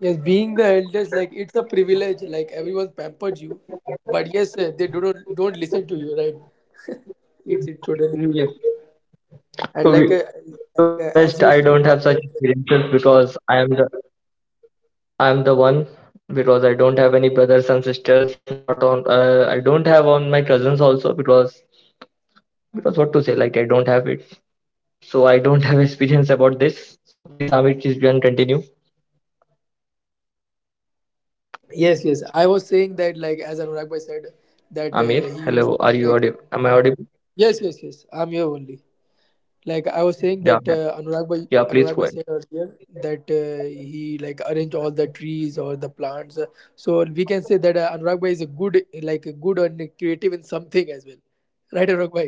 Speaker 1: Yes, being the eldest, like it's a privilege. Like everyone pampers you, but yes, they do not don't listen to you, right? It's totally right.
Speaker 3: Yes.
Speaker 1: And like,
Speaker 2: To be to be
Speaker 1: as you
Speaker 2: honest, I
Speaker 1: said,
Speaker 2: don't
Speaker 1: uh,
Speaker 2: have such experiences because I am the one, because I don't have any brothers and sisters. Not on I don't have on my cousins also, because what to say, like, I don't have it. So I don't have experience about this. So please, Amit, please you can continue.
Speaker 1: yes, yes, I was saying that like as Anurag bhai said that
Speaker 2: Amir,
Speaker 1: he
Speaker 2: hello.
Speaker 1: used
Speaker 2: Are
Speaker 1: to
Speaker 2: you
Speaker 1: like,
Speaker 2: audible? Am
Speaker 1: yes, yes, yes. I'm here only. Like I
Speaker 2: Yeah,
Speaker 1: was
Speaker 2: yeah.
Speaker 1: saying that
Speaker 2: Yeah,
Speaker 1: anurag bhai
Speaker 2: please go ahead.
Speaker 1: anurag bhai said earlier that he like arrange all the trees or the plants, so we can say that Anurag bhai is a good, like a good and creative in something as well, right, Anurag bhai?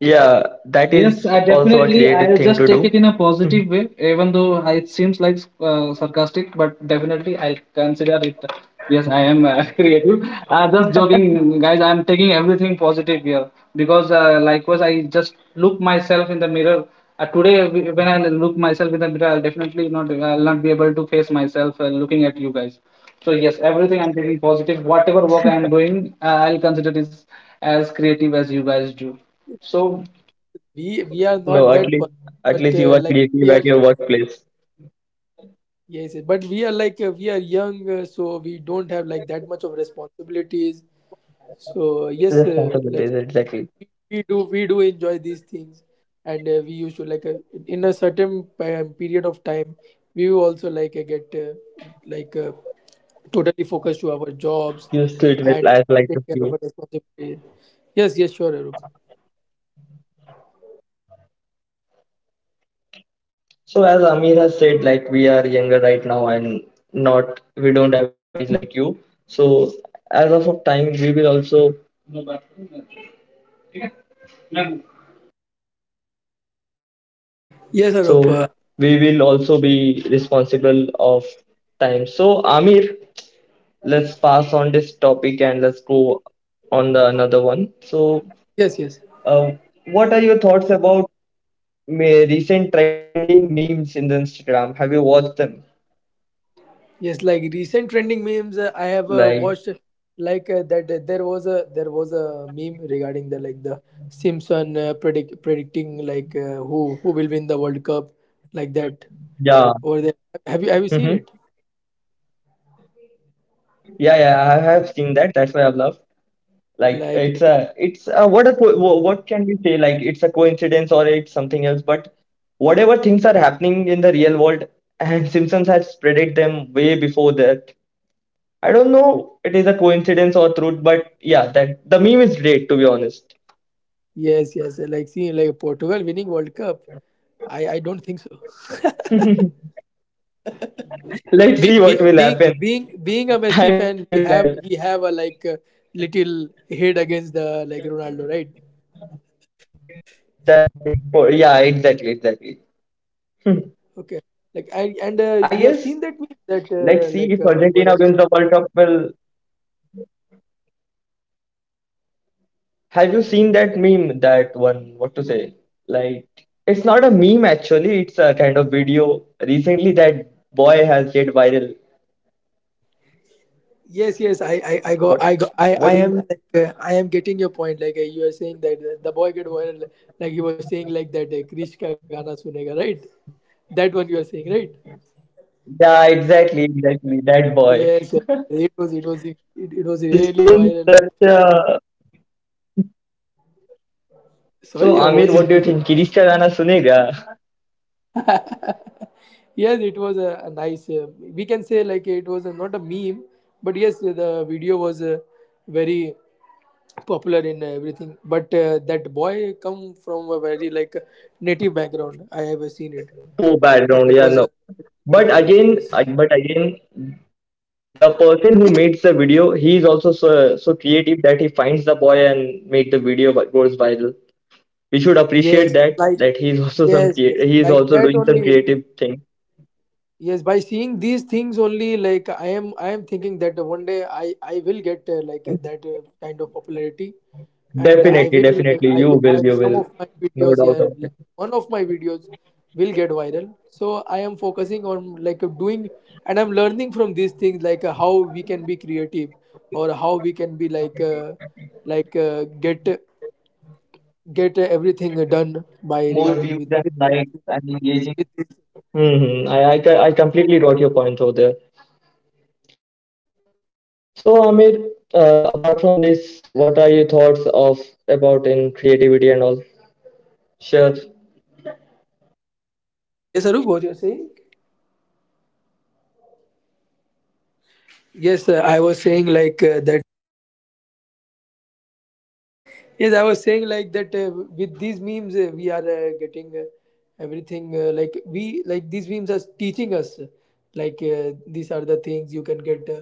Speaker 2: Yeah, that
Speaker 3: Yes,
Speaker 2: is
Speaker 3: I
Speaker 2: also a
Speaker 3: definitely.
Speaker 2: creative
Speaker 3: I'll
Speaker 2: thing
Speaker 3: just
Speaker 2: to
Speaker 3: take it in a
Speaker 2: do.
Speaker 3: positive way, even though it seems like sarcastic, but definitely I'll consider it. Yes, I am creative. Just joking, guys. I'm taking everything positive here because, likewise, I just look myself in the mirror. Today, when I look myself in the mirror, I'll definitely not. I'll not be able to face myself looking at you guys. So yes, everything I'm taking positive. Whatever work I'm doing, I'll consider this as creative as you guys do. So
Speaker 1: We are
Speaker 2: No,
Speaker 1: not
Speaker 2: at
Speaker 1: that
Speaker 2: least at
Speaker 1: but
Speaker 2: least you are
Speaker 1: like we
Speaker 2: creative at
Speaker 1: are,
Speaker 2: your workplace.
Speaker 1: yes, yes, but we are like we are young, so we don't have like that much of responsibilities. So yes, like
Speaker 2: Responsibilities, exactly.
Speaker 1: we do enjoy these things, and we used to like in a certain period of time, we will also like get like totally focused to our jobs
Speaker 2: You it with
Speaker 1: and
Speaker 2: as like a
Speaker 1: take care
Speaker 2: few.
Speaker 1: of our responsibility. Yes, yes, sure, Arup.
Speaker 2: So, as Amir has said, like, we are younger right now, and not we don't have age like you. So, as of a time,
Speaker 1: Yes,
Speaker 2: so
Speaker 1: Arup.
Speaker 2: we will also be responsible of time. So, Amir, let's pass on this topic and let's go on the another one. So,
Speaker 1: Yes, yes.
Speaker 2: Uh, what are your thoughts about recent trending memes in the Instagram? Have you watched them?
Speaker 1: Yes, like recent trending memes, I have
Speaker 2: Like,
Speaker 1: watched like that. There was a meme regarding the like the Simpson, predicting like who will win the World Cup, like that.
Speaker 2: yeah,
Speaker 1: Over there, have you seen
Speaker 2: hmm,
Speaker 1: it?
Speaker 2: yeah, yeah. I have seen that. That's why love. Like, it's
Speaker 1: Like,
Speaker 2: a, it's a, what a, co- wha- what can we say? Like, it's a coincidence, it's something else. But whatever things are happening in the real world, and Simpsons had spreaded them way before, I don't know. It is a coincidence or truth, but yeah, that the meme is great, to be honest.
Speaker 1: yes, yes, like seeing like Portugal winning World Cup. I don't think so.
Speaker 2: Let's see
Speaker 1: Be,
Speaker 2: what will
Speaker 1: being
Speaker 2: happen.
Speaker 1: being being a
Speaker 2: I
Speaker 1: Messi
Speaker 2: will
Speaker 1: fan,
Speaker 2: tell
Speaker 1: we
Speaker 2: them.
Speaker 1: have we have a like a little hate against the like Ronaldo, right?
Speaker 2: That's the thing. For, yeah, exactly, exactly. Hmm.
Speaker 1: Okay. Like I, and
Speaker 2: I
Speaker 1: you have
Speaker 2: guess
Speaker 1: seen that meme that
Speaker 2: let's see
Speaker 1: like
Speaker 2: if Argentina wins the World Cup. Will Have you seen that meme? That one, to say? Like, it's not a meme actually. It's a kind of video. Recently, that boy has get viral.
Speaker 1: yes, yes, I I I go I go
Speaker 2: What?
Speaker 1: I I am
Speaker 2: What
Speaker 1: like
Speaker 2: is?
Speaker 1: I am getting your point, like you are saying that the boy get viral, like he was saying like that Krish ka gana sunega, right? That one you are saying, right?
Speaker 2: Yeah, exactly, exactly. That
Speaker 1: Yes,
Speaker 2: boy.
Speaker 1: yes, it was really
Speaker 2: His
Speaker 1: viral.
Speaker 2: tone is such a.
Speaker 1: Sorry,
Speaker 2: So,
Speaker 1: your voice
Speaker 2: Amir,
Speaker 1: is
Speaker 2: what do you
Speaker 1: breaking.
Speaker 2: think? Kirishka Rana sunega?
Speaker 1: Yes, it was a nice, we can say, like it was a, not a meme, but yes, the video was very popular in everything, but that boy come from a very like native background, I have seen it.
Speaker 2: Poor
Speaker 1: Like
Speaker 2: background.
Speaker 1: it
Speaker 2: Yeah,
Speaker 1: was
Speaker 2: no.
Speaker 1: a,
Speaker 2: But again,
Speaker 1: yes, yes,
Speaker 2: but again, the person who makes the video, he is also so, so creative that he finds the boy and make the video that goes viral. We should appreciate
Speaker 1: yes.
Speaker 2: that
Speaker 1: Like,
Speaker 2: that he is also some
Speaker 1: yes,
Speaker 2: create,
Speaker 1: yes,
Speaker 2: he is
Speaker 1: like
Speaker 2: also
Speaker 1: that
Speaker 2: doing some
Speaker 1: only.
Speaker 2: creative thing.
Speaker 1: Yes, by seeing these things only, like I am thinking that one day I will get like that kind of popularity, and I
Speaker 2: Definitely,
Speaker 1: will
Speaker 2: definitely,
Speaker 1: I
Speaker 2: you
Speaker 1: will I,
Speaker 2: will, you
Speaker 1: some
Speaker 2: will,
Speaker 1: of my
Speaker 2: no
Speaker 1: videos,
Speaker 2: doubt
Speaker 1: yeah,
Speaker 2: about it.
Speaker 1: like one of my videos will get viral. So I am focusing on like doing, and I'm learning from these things, like how we can be creative, or how we can be like get everything done by
Speaker 2: More
Speaker 1: regard
Speaker 2: views
Speaker 1: with,
Speaker 2: and likes and engaging.
Speaker 1: with,
Speaker 2: I completely got your point over there. So, Amir, apart from this, what are your thoughts of about in creativity and all? Sure.
Speaker 1: Yes, Arup, what you're saying. Yes, I was saying like that. Yes, I was saying like that. With these memes, we are getting everything. Like we, like these memes are teaching us. Like these are the things you can get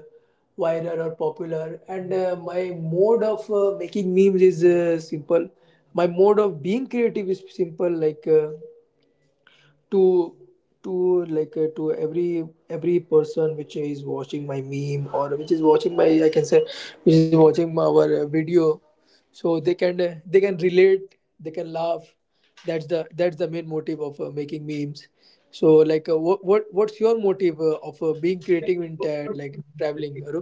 Speaker 1: viral or popular. And my mode of making memes is simple. My mode of being creative is simple. Like. To to like to every person which is watching my meme, or which is watching my, I can say, which is watching my, our video, so they can relate, they can laugh. That's the main motive of making memes. So like what's your motive of being creative in like traveling, Arup?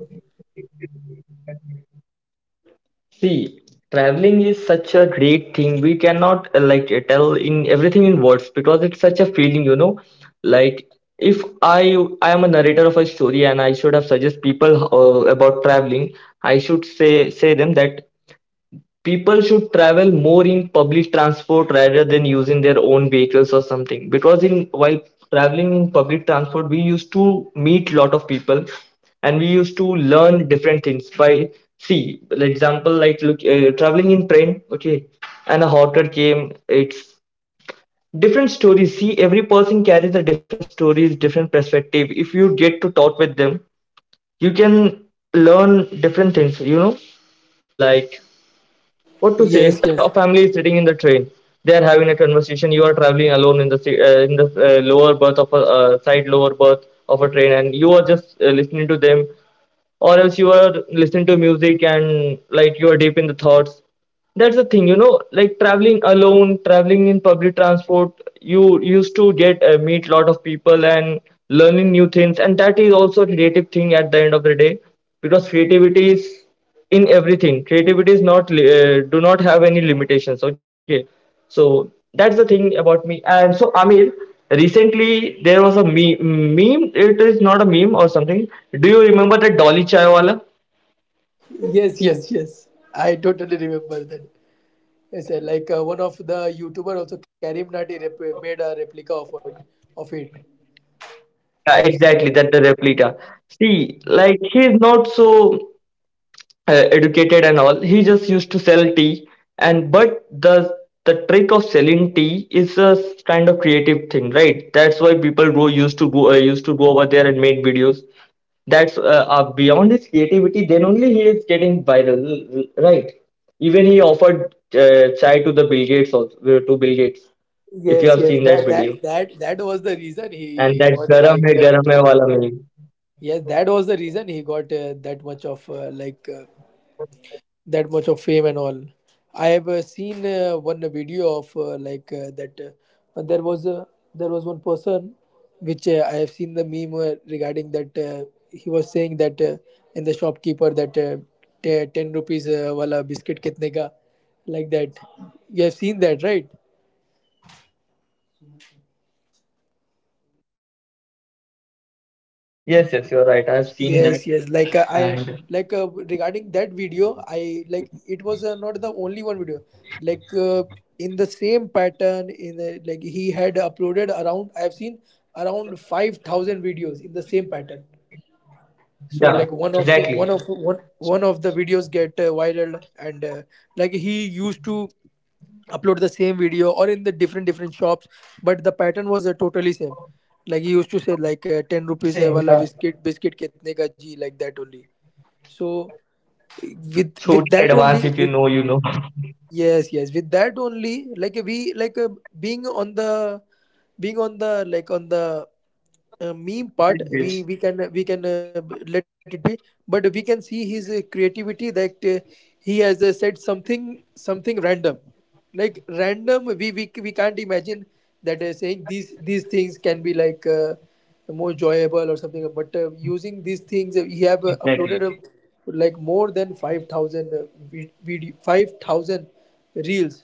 Speaker 2: See, traveling is such a great thing. We cannot like, tell in everything in words, because it's such a feeling. Like, if I am a narrator of a and I should have suggest people about traveling, I should say them that people should travel more in public transport rather than using their own vehicles or something, because in while traveling in public transport we used to meet lot of people and we used to learn different things by, see, for example, like, look, traveling in train, okay, and a hotter came. It's different stories. See, every person carries a different stories, different perspective. If you get to talk with them, you can learn different things, like, what to
Speaker 1: Yes,
Speaker 2: say,
Speaker 1: yes,
Speaker 2: a family is sitting in the train. They are having a conversation. You are traveling alone in the in the lower berth of a side lower berth of a train, and are just listening to them. Or else you are listening to music and, like, you are deep the thoughts. That's the thing. Like, traveling alone, traveling in public transport, you used to get meet lot of people and learning new things. And that is also a creative thing at the end of the day, because creativity is in everything. Creativity is not do not have any limitations, okay? So that's the thing about me. And so, Amir, recently there was a meme. It is not a meme or something. Do you remember that Dolly Chaiwala?
Speaker 1: yes, yes, yes, I totally remember that. Yes, sir. Like one of the YouTuber also, Karim Nati made a replica of it. Of it, I have
Speaker 2: Yeah,
Speaker 1: seen that.
Speaker 2: exactly that the replica. See, like, he is not so educated and all. He just used to sell tea. And but the the trick of selling tea is a kind of creative thing, right? That's why people go used to go used to go over there and make videos. That's beyond his creativity, then only he is getting viral, right? Even he offered chai to the Bill Gates also, to Bill Gates, if you
Speaker 1: Yes,
Speaker 2: have
Speaker 1: yes.
Speaker 2: seen that
Speaker 1: That
Speaker 2: video.
Speaker 1: that that that was the reason
Speaker 2: And
Speaker 1: he
Speaker 2: that
Speaker 1: got like.
Speaker 2: garam hai wala meme.
Speaker 1: Yes, that was the reason he got that much of like. That much of fame and all. I have seen one video of like that, uh, there was a there was one person which I have seen the meme regarding that, he was saying that in the shopkeeper that 10 rupees wala biscuit kitne ka, like that. You have seen that, right?
Speaker 2: Yes, yes, you're right, I've seen that.
Speaker 1: Yes, yes. Like I,
Speaker 2: And
Speaker 1: like regarding that video, I like, it was not the only one video. Like in the same pattern, in the, like he had uploaded around, I've seen around 5,000 videos in the same pattern. So
Speaker 2: yeah,
Speaker 1: like one of
Speaker 2: exactly,
Speaker 1: one of one, one of the videos get viral, and like he used to upload the same video or in the different different shops, but the pattern was totally same. Like he used to say like 10 rupees
Speaker 2: same.
Speaker 1: wala
Speaker 2: Yeah.
Speaker 1: biscuit kitne ka ji, like that only. So with
Speaker 2: Totally
Speaker 1: that only,
Speaker 2: advanced, if
Speaker 1: with.
Speaker 2: you know, you know.
Speaker 1: Yes, yes. With that only, like we, like being on the being on the like on the meme part, we we
Speaker 2: Language.
Speaker 1: can we can let it be. But we can see his creativity that he has said something something random, like random. We can't imagine that saying these things can be like. More enjoyable or something. But using these things, he have uploaded
Speaker 2: Exactly.
Speaker 1: like more than 5,000 5,000 reels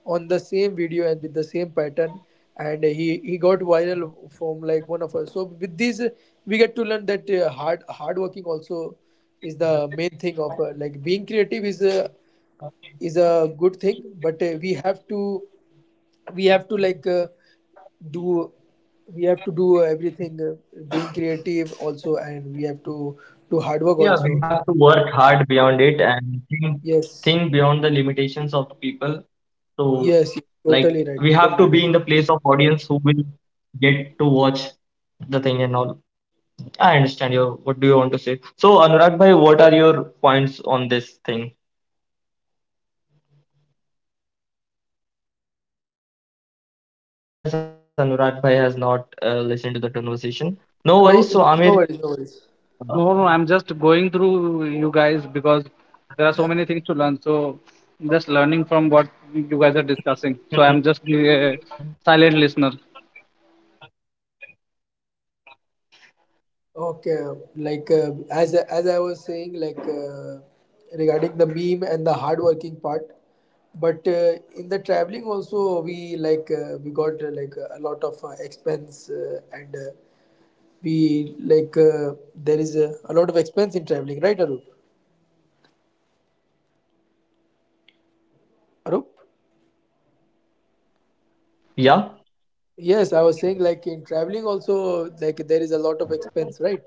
Speaker 1: on the same video and with the same pattern, and he got viral from like one of us. So with these, we get to learn that hard working also is the main thing of like being creative is a good thing, but we have to do we have to do everything, being creative also, and we have to do hard work
Speaker 2: Yeah, we
Speaker 1: also.
Speaker 2: have to work hard beyond it and
Speaker 1: Yes,
Speaker 2: think beyond the limitations of the people. So,
Speaker 1: yes totally
Speaker 2: like,
Speaker 1: right,
Speaker 2: we
Speaker 1: totally
Speaker 2: have to
Speaker 1: right.
Speaker 2: be in the who will get to watch the thing and all. I understand your. What do you want to say? So, Anurag bhai, what are your points on this thing? I guess Anurag bhai has not listened to the conversation. No worries.
Speaker 1: No,
Speaker 2: So,
Speaker 1: no
Speaker 2: Amir,
Speaker 1: worries, no worries.
Speaker 2: uh,
Speaker 3: no, no, I'm just going through you guys because there are so many things to learn. So just learning from what you guys are discussing. So I'm just a silent listener.
Speaker 1: Okay, as I was saying, regarding the meme and the hardworking part. But in the traveling also, we we got like a lot of expense, and we there is a lot of expense in traveling, right, arup? Arup,
Speaker 2: yeah.
Speaker 1: yes, I was saying like in traveling also, like there is a lot of expense, right?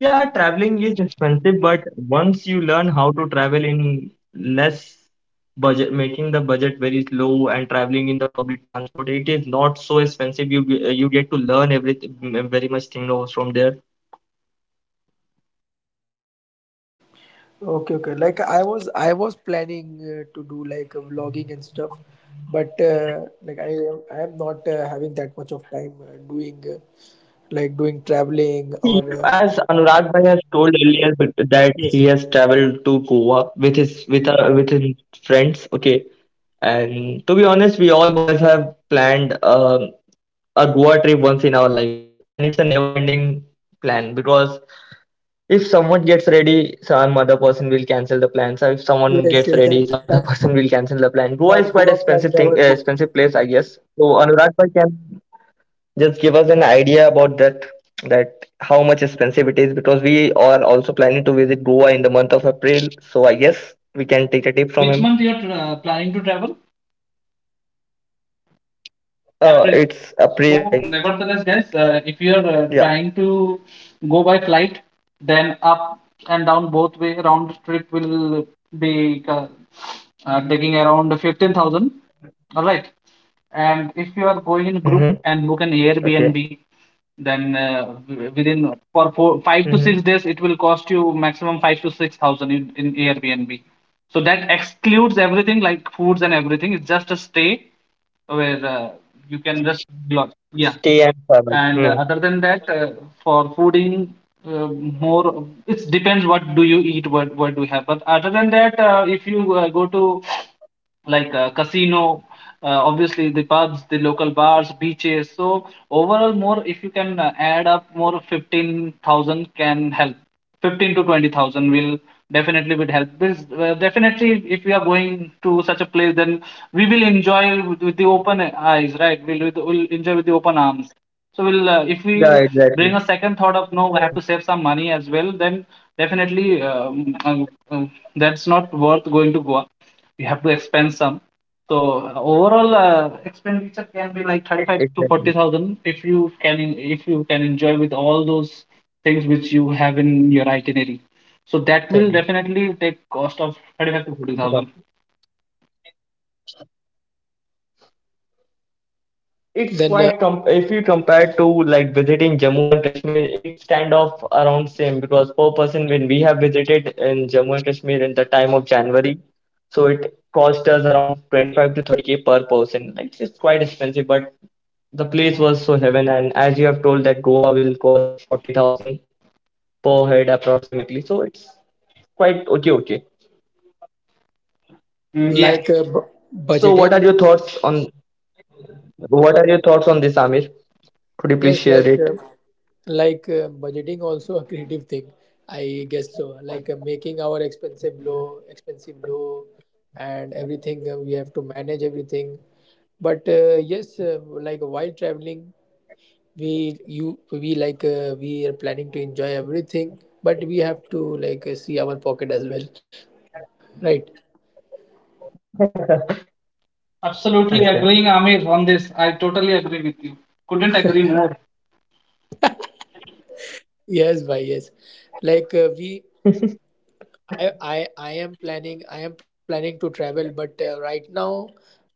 Speaker 2: Yeah, traveling is expensive, but once you learn how to travel in less budget, making the budget very low and traveling in the public transport, it is not so expensive. You get to learn everything, very much thing knows from there.
Speaker 1: Okay, okay, like I was planning to do like vlogging and stuff, but like I am not having that much of time doing like doing traveling
Speaker 2: See,
Speaker 1: or
Speaker 2: as Anurag Bhai has told earlier that that he
Speaker 1: yes,
Speaker 2: has traveled to Goa with his friends. Okay, and to be honest, we all boys have planned a Goa trip once in our life, and it's a never-ending plan because if someone gets ready, some other person will cancel the plan. So if someone
Speaker 1: yes
Speaker 2: gets
Speaker 1: yes
Speaker 2: ready,
Speaker 1: that
Speaker 2: some other
Speaker 1: that
Speaker 2: person will cancel the plan. Goa
Speaker 1: that
Speaker 2: is quite
Speaker 1: goa plan
Speaker 2: expensive
Speaker 1: never
Speaker 2: thing,
Speaker 1: go.
Speaker 2: expensive place, I guess. So Anurag bhai can just give us an idea about that, that how much expensive it is because we are also planning to visit Goa in the month of April. So I guess we can take a tip from
Speaker 3: Which
Speaker 2: him.
Speaker 3: month you are planning to travel? April.
Speaker 2: It's April, I
Speaker 3: So,
Speaker 2: guess.
Speaker 3: nevertheless, guys, if you are
Speaker 2: Yeah.
Speaker 3: trying to go by flight, then up and down both way round trip will be taking around 15,000. All right. And if you are going in group
Speaker 2: Mm-hmm.
Speaker 3: and book an
Speaker 2: Okay.
Speaker 3: Airbnb, then within for four, five to
Speaker 2: Mm-hmm.
Speaker 3: six days, it will cost you maximum 5 to 6 thousand in Airbnb. So that excludes everything like foods and everything. It's just a stay where you can just lodge. Yeah,
Speaker 2: Stay and travel.
Speaker 3: and
Speaker 2: Hmm.
Speaker 3: other than that, for fooding, more it depends what do you eat, what do you have. But other than that, if you go to, like, casino, obviously the pubs, the local bars, beaches, so overall more, if you can add up more, 15,000 can help. 15 to 20,000 will definitely would help this, definitely if we are going to such a place, then we will enjoy with the open eyes, right? We'll enjoy with the open arms. So we'll, if
Speaker 2: Yeah,
Speaker 3: we bring
Speaker 2: exactly.
Speaker 3: a second thought of no, I have to save some money as well, then definitely, that's not worth going to Goa. We have to expend some. So overall expenditure can be like 35 to
Speaker 2: Exactly.
Speaker 3: 40,000 if you if you can enjoy with all those things which you have in your itinerary. So that
Speaker 2: Thing.
Speaker 3: will definitely take cost of 35 to 40,000.
Speaker 2: It's
Speaker 1: Then
Speaker 2: quite com if you compare to like visiting Jammu and Kashmir, it's kind of around same because per person when we have visited in Jammu and Kashmir in the time of January, so it cost us around 25 to 30K per person. Like it's quite expensive, but the place was so heaven. And as you have told that Goa will cost 40,000 per head approximately, so it's quite okay, okay.
Speaker 3: Yeah,
Speaker 1: like uh, bu-
Speaker 2: So, what
Speaker 1: budgeting.
Speaker 2: are your thoughts on this, Amir? Could you please
Speaker 1: Yes,
Speaker 2: share it?
Speaker 1: like budgeting also a creative thing, I guess so. Making our expensive low, and everything, we have to manage everything. But like while traveling, we we are planning to enjoy everything, but we have to see our pocket as well, right?
Speaker 3: absolutely
Speaker 2: Understand.
Speaker 3: agreeing, Amir, on this. I totally agree with you. Couldn't agree more.
Speaker 1: Yes, why yes, we I am planning to travel, but right now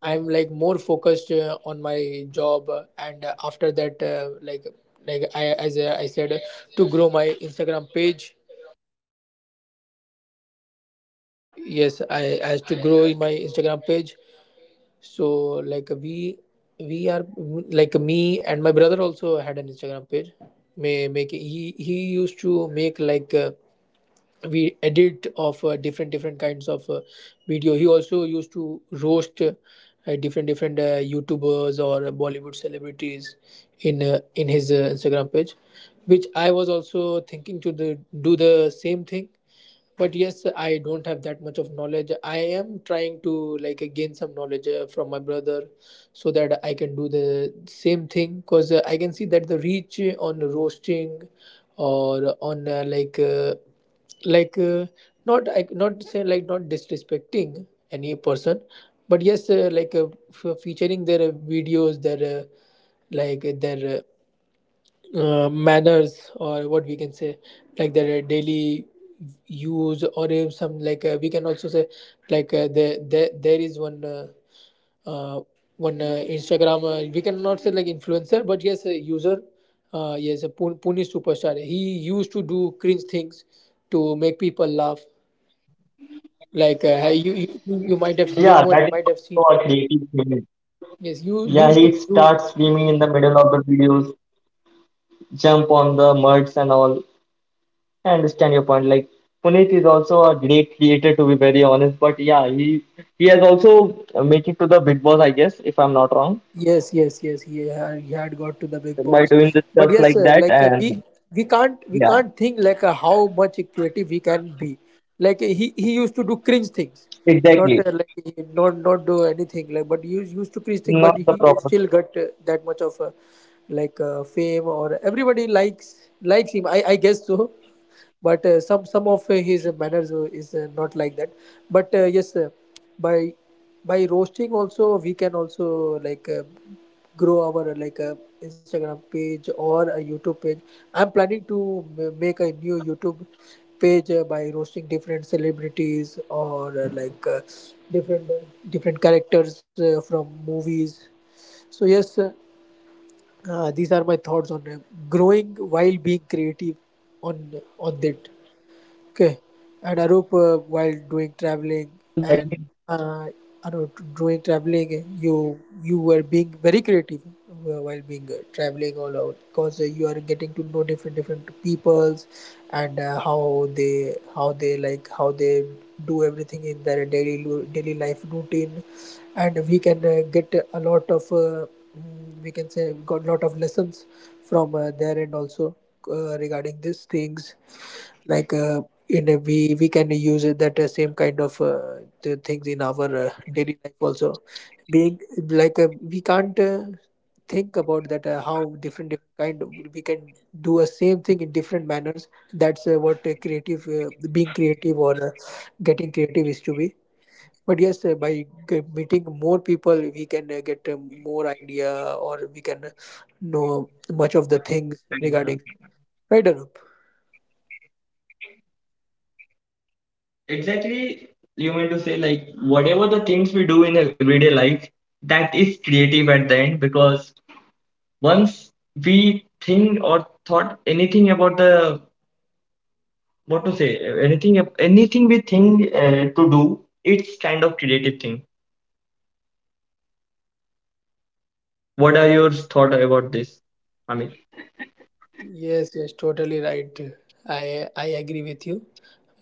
Speaker 1: I'm like more focused on my job, and after that, like I, as I said, to grow my Instagram page. Yes, I as to grow in my Instagram page. So like we are like me and my brother also had an Instagram page. May make he used to make like. We edit of different kinds of video. He also used to roast different youtubers or bollywood celebrities in his instagram page, which I was also thinking to do the same thing. But yes, I don't have that much of knowledge. I am trying to gain some knowledge from my brother so that I can do the same thing, because I can see that the reach on roasting or on like uh, not, I not say like, not disrespecting any person, but yes, f- featuring their videos, their like uh, their uh, manners, or what we can say, like their daily use, or if some, we can also say, there is one uh, one instagram, we cannot say like influencer, but yes, a user, yes, a Pune superstar. He used to do cringe things to make people laugh. You might have, you have
Speaker 2: Yeah,
Speaker 1: more,
Speaker 2: that is
Speaker 1: might have seen
Speaker 2: also
Speaker 1: him.
Speaker 2: a creative thing.
Speaker 1: Yes, you
Speaker 2: Yeah,
Speaker 1: used
Speaker 2: he
Speaker 1: to do.
Speaker 2: starts screaming in the middle of the videos, jump on the muds and all. I understand your point. Like, Puneet is also a great creator, to be very honest. But yeah, he has also make it to the Big Boss, I guess, if I'm not wrong,
Speaker 1: Yes, yes. He had got to the big
Speaker 2: by
Speaker 1: boss,
Speaker 2: doing the stuff
Speaker 1: but yes,
Speaker 2: like
Speaker 1: sir,
Speaker 2: that
Speaker 1: we
Speaker 2: and
Speaker 1: we can't we
Speaker 2: yeah,
Speaker 1: can't think how much creative he can be. He used to do cringe things, not
Speaker 2: exactly.
Speaker 1: like he not not do anything like. But he used to cringe thing,
Speaker 2: Not
Speaker 1: but
Speaker 2: the
Speaker 1: he
Speaker 2: problem.
Speaker 1: still got that much of fame, or everybody likes him, I guess so. But some of his manners is not like that. But by by roasting also, we can also grow our instagram page or a youtube page. I'm planning to m- make a new youtube page by roasting different celebrities or different different characters from movies. So these are my thoughts on growing while being creative on that. Okay, and Arup, while doing traveling
Speaker 2: That
Speaker 1: and uh, Arup, doing traveling, you were being very creative while being traveling all out, because you are getting to know different peoples, and how they like how they do everything in their daily lu- daily life routine. And we can get a lot of we can say, got a lot of lessons from their end also regarding these things. like uh, in a, we can use it that same kind of the things in our daily life also, being we can't think about that how different different kind of- we can do a same thing in different manners. That's what creative, being creative, or getting creative is to be. But yes, by g- meeting more people, we can get more idea, or we can know much of the things
Speaker 2: is.
Speaker 1: regarding. Right, Arup?
Speaker 2: Exactly, you mean to say, like, whatever the things we do in a everyday life, that is creative at the end. Because once we think or thought anything about the, what to say, anything we think to do, it's kind of creative thing. What are your thought about this, Amir?
Speaker 1: Yes, yes, totally right. I agree with you.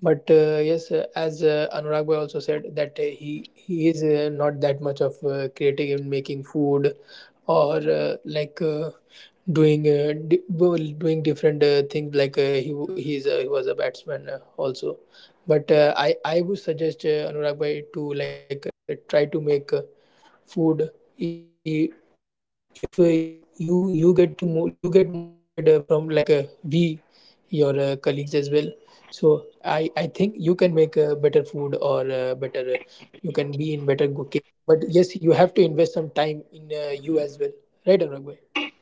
Speaker 1: But as Anurag Bhai also said that he is not that much of creative in making food, or doing di- well, doing different things. He w- he's he was a batsman also. But I would suggest Anurag Bhai to try to make food. I- If you get to mo- you get motivated from we your colleagues as well, so I think you can make better food or better you can be in better cooking. But yes, you have to invest some time in you as well, right, Anurag bhai?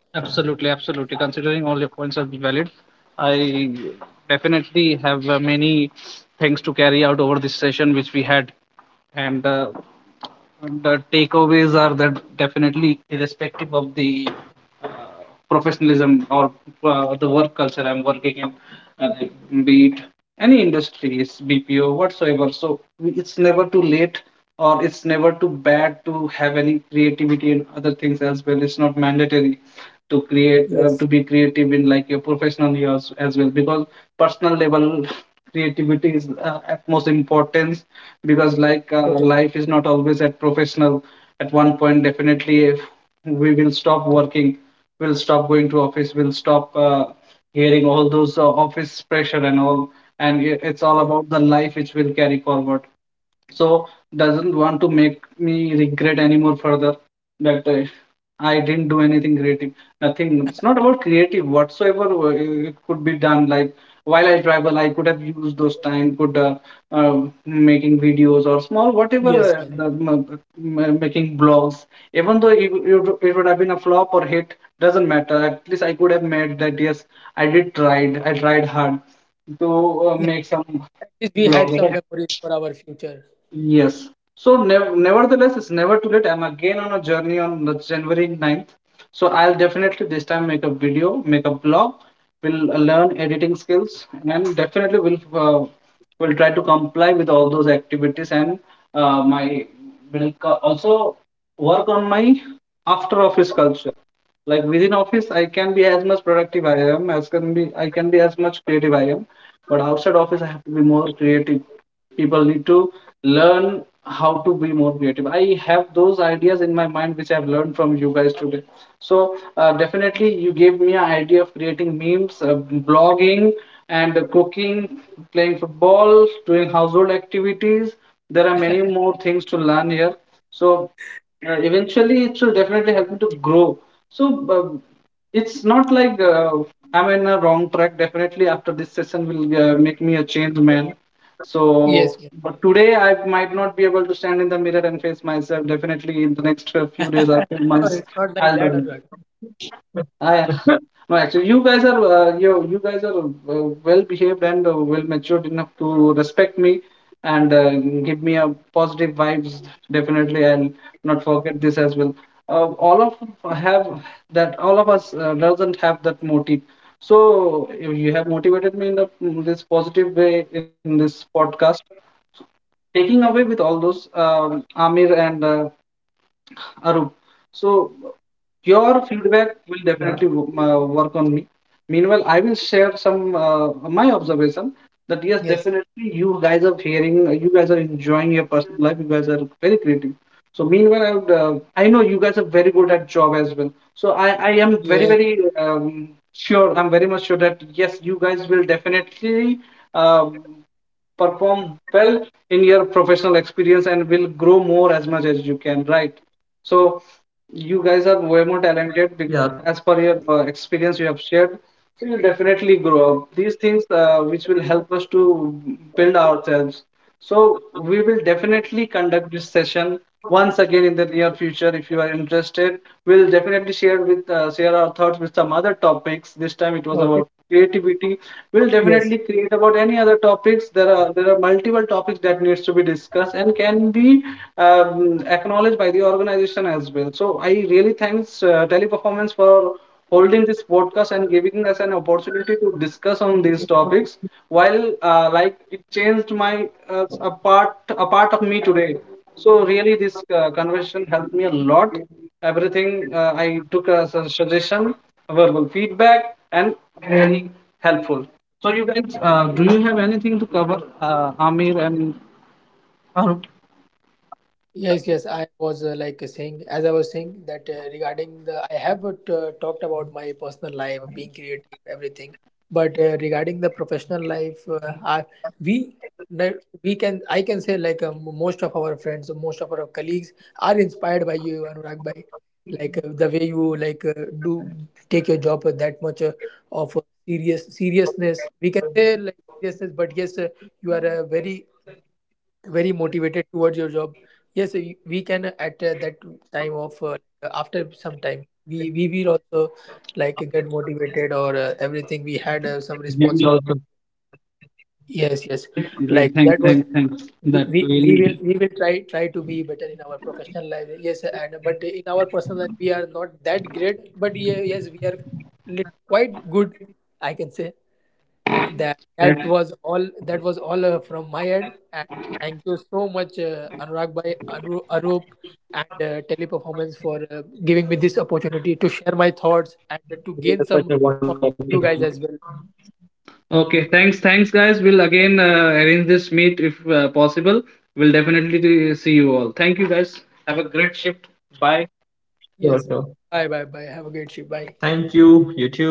Speaker 3: Absolutely, absolutely. Considering all your points are valid, I definitely have many things to carry out over this session which we had, and the takeaways are that definitely irrespective of the uh, professionalism or the work culture I'm working in, like, be it any industries, BPO, whatsoever. So it's never too late or it's never too bad to have any creativity and other things as well. It's not mandatory
Speaker 1: Yes,
Speaker 3: to be creative in, like, your professional years as well, because personal level creativity is at most importance, because like
Speaker 1: totally.
Speaker 3: life is not always at professional. At one point definitely if we will stop working, we'll stop going to office, we'll stop hearing all those office pressure and all, and it's
Speaker 1: Yes,
Speaker 3: all about the life which we'll carry forward. So doesn't want to make me regret anymore further that I didn't do anything creative. Nothing. It's not about creative whatsoever. It could be done. Like while I travel, I could have used those time. Could Making videos or small, whatever,
Speaker 1: yes, yes.
Speaker 3: making blogs. Even though it would have been a flop or hit, doesn't matter. At least I could have made that. Yes, I did tried. I tried hard to
Speaker 1: Yes.
Speaker 3: make some
Speaker 1: At least we had some
Speaker 3: blogs.
Speaker 1: memories for our future.
Speaker 3: Yes. So, nevertheless, it's never too late. I'm again on a journey on the January 9. So, I'll definitely this time make a video, make a blog. We'll learn editing skills, and definitely will try to comply with all those activities, and my also work on my after office culture. Like within office I can be as much productive I am as can be, I can be as much creative I am, but outside office I have to be more creative. People need to learn how to be more creative. I have those ideas in my mind which I've learned from you guys today. So definitely you gave me an idea of creating memes, blogging, and cooking, playing football, doing household activities. There are many more things to learn here. So eventually it will definitely help me to grow. So um, it's not like I'm in a wrong track. Definitely after this session will make me a change man. So,
Speaker 1: Yes. Yes.
Speaker 3: but today I might not be able to stand in the mirror and face myself, definitely in the next few days or few
Speaker 1: No,
Speaker 3: months.
Speaker 1: it's not like
Speaker 3: I'll
Speaker 1: that, Anurag.
Speaker 3: I No, actually, you guys are well behaved and well matured enough to respect me, and give me a positive vibes. Definitely, I'll not forget this as well. All of have that. All of us doesn't have that motive. So you have motivated me in, the, this positive way in this podcast. Taking away with all those, Amir and Arup. So your feedback will definitely work on me. Meanwhile, I will share some my observation that yes,
Speaker 1: Yes.
Speaker 3: definitely you guys are hearing, you guys are enjoying your personal life, you guys are very creative. So meanwhile, I know you guys are very good at job as well. So I am very
Speaker 1: Yes.
Speaker 3: very sure. I'm very much sure that yes, you guys will definitely. Um, Perform well in your professional experience and will grow more as much as you can, right? So you guys are way more
Speaker 2: Yeah,
Speaker 3: talented as per your experience you have shared. So you definitely grow up these things, which will help us to build ourselves. So we will definitely conduct this session once again in the near future. If you are interested, we'll definitely share our thoughts with some other topics. This time it was about
Speaker 1: Okay.
Speaker 3: creativity. We'll definitely
Speaker 1: Yes.
Speaker 3: create about any other topics. There are multiple topics that needs to be discussed and can be acknowledged by the organization as well. So I really thanks Teleperformance for holding this podcast and giving us an opportunity to discuss on these topics, while like it changed my a part of me today. So really, this conversation helped me a lot. Everything I took as a suggestion, verbal feedback, and really helpful. So you guys, do you have anything to cover, Amir and Farooq?
Speaker 1: Yes, yes. I was like saying, as I was saying that regarding the, I have t- talked about my personal life, being creative, everything. But regarding the professional life, I, we, no, we can, I can say like most of our friends, most of our colleagues are inspired by you, Anurag, by the way you do take your job with that much of seriousness. We can say like seriousness, but yes, you are a very motivated towards your job. Yes, we can at that time of after some time, we will also like get motivated, or everything, we had some responsibility. Yes, yes.
Speaker 3: Great, great.
Speaker 1: Like
Speaker 3: Thanks,
Speaker 1: that was,
Speaker 3: thanks, thanks.
Speaker 1: we,
Speaker 3: That
Speaker 1: we we will,
Speaker 3: really
Speaker 1: we will try to be better in our professional life, yes, and but in our personal life we are not that great, but yeah, yes, we are lit- quite good, I can say. That, that
Speaker 3: that.
Speaker 1: was all, that was all from my end. And thank you so much anurag bhai, arup, and teleperformance for giving me this opportunity to share my thoughts and to
Speaker 2: this
Speaker 1: gain
Speaker 2: such a
Speaker 1: some
Speaker 2: wonderful
Speaker 1: thoughts from
Speaker 2: opportunity.
Speaker 1: you guys as well.
Speaker 3: Okay, thanks, thanks, guys. We'll again arrange this meet if possible. We'll definitely see you all. Thank you, guys. Have a great shift. Bye.
Speaker 2: Sure,
Speaker 1: Yes,
Speaker 2: sure.
Speaker 1: bye, bye, bye, have a great trip, bye.
Speaker 2: Thank you. You too.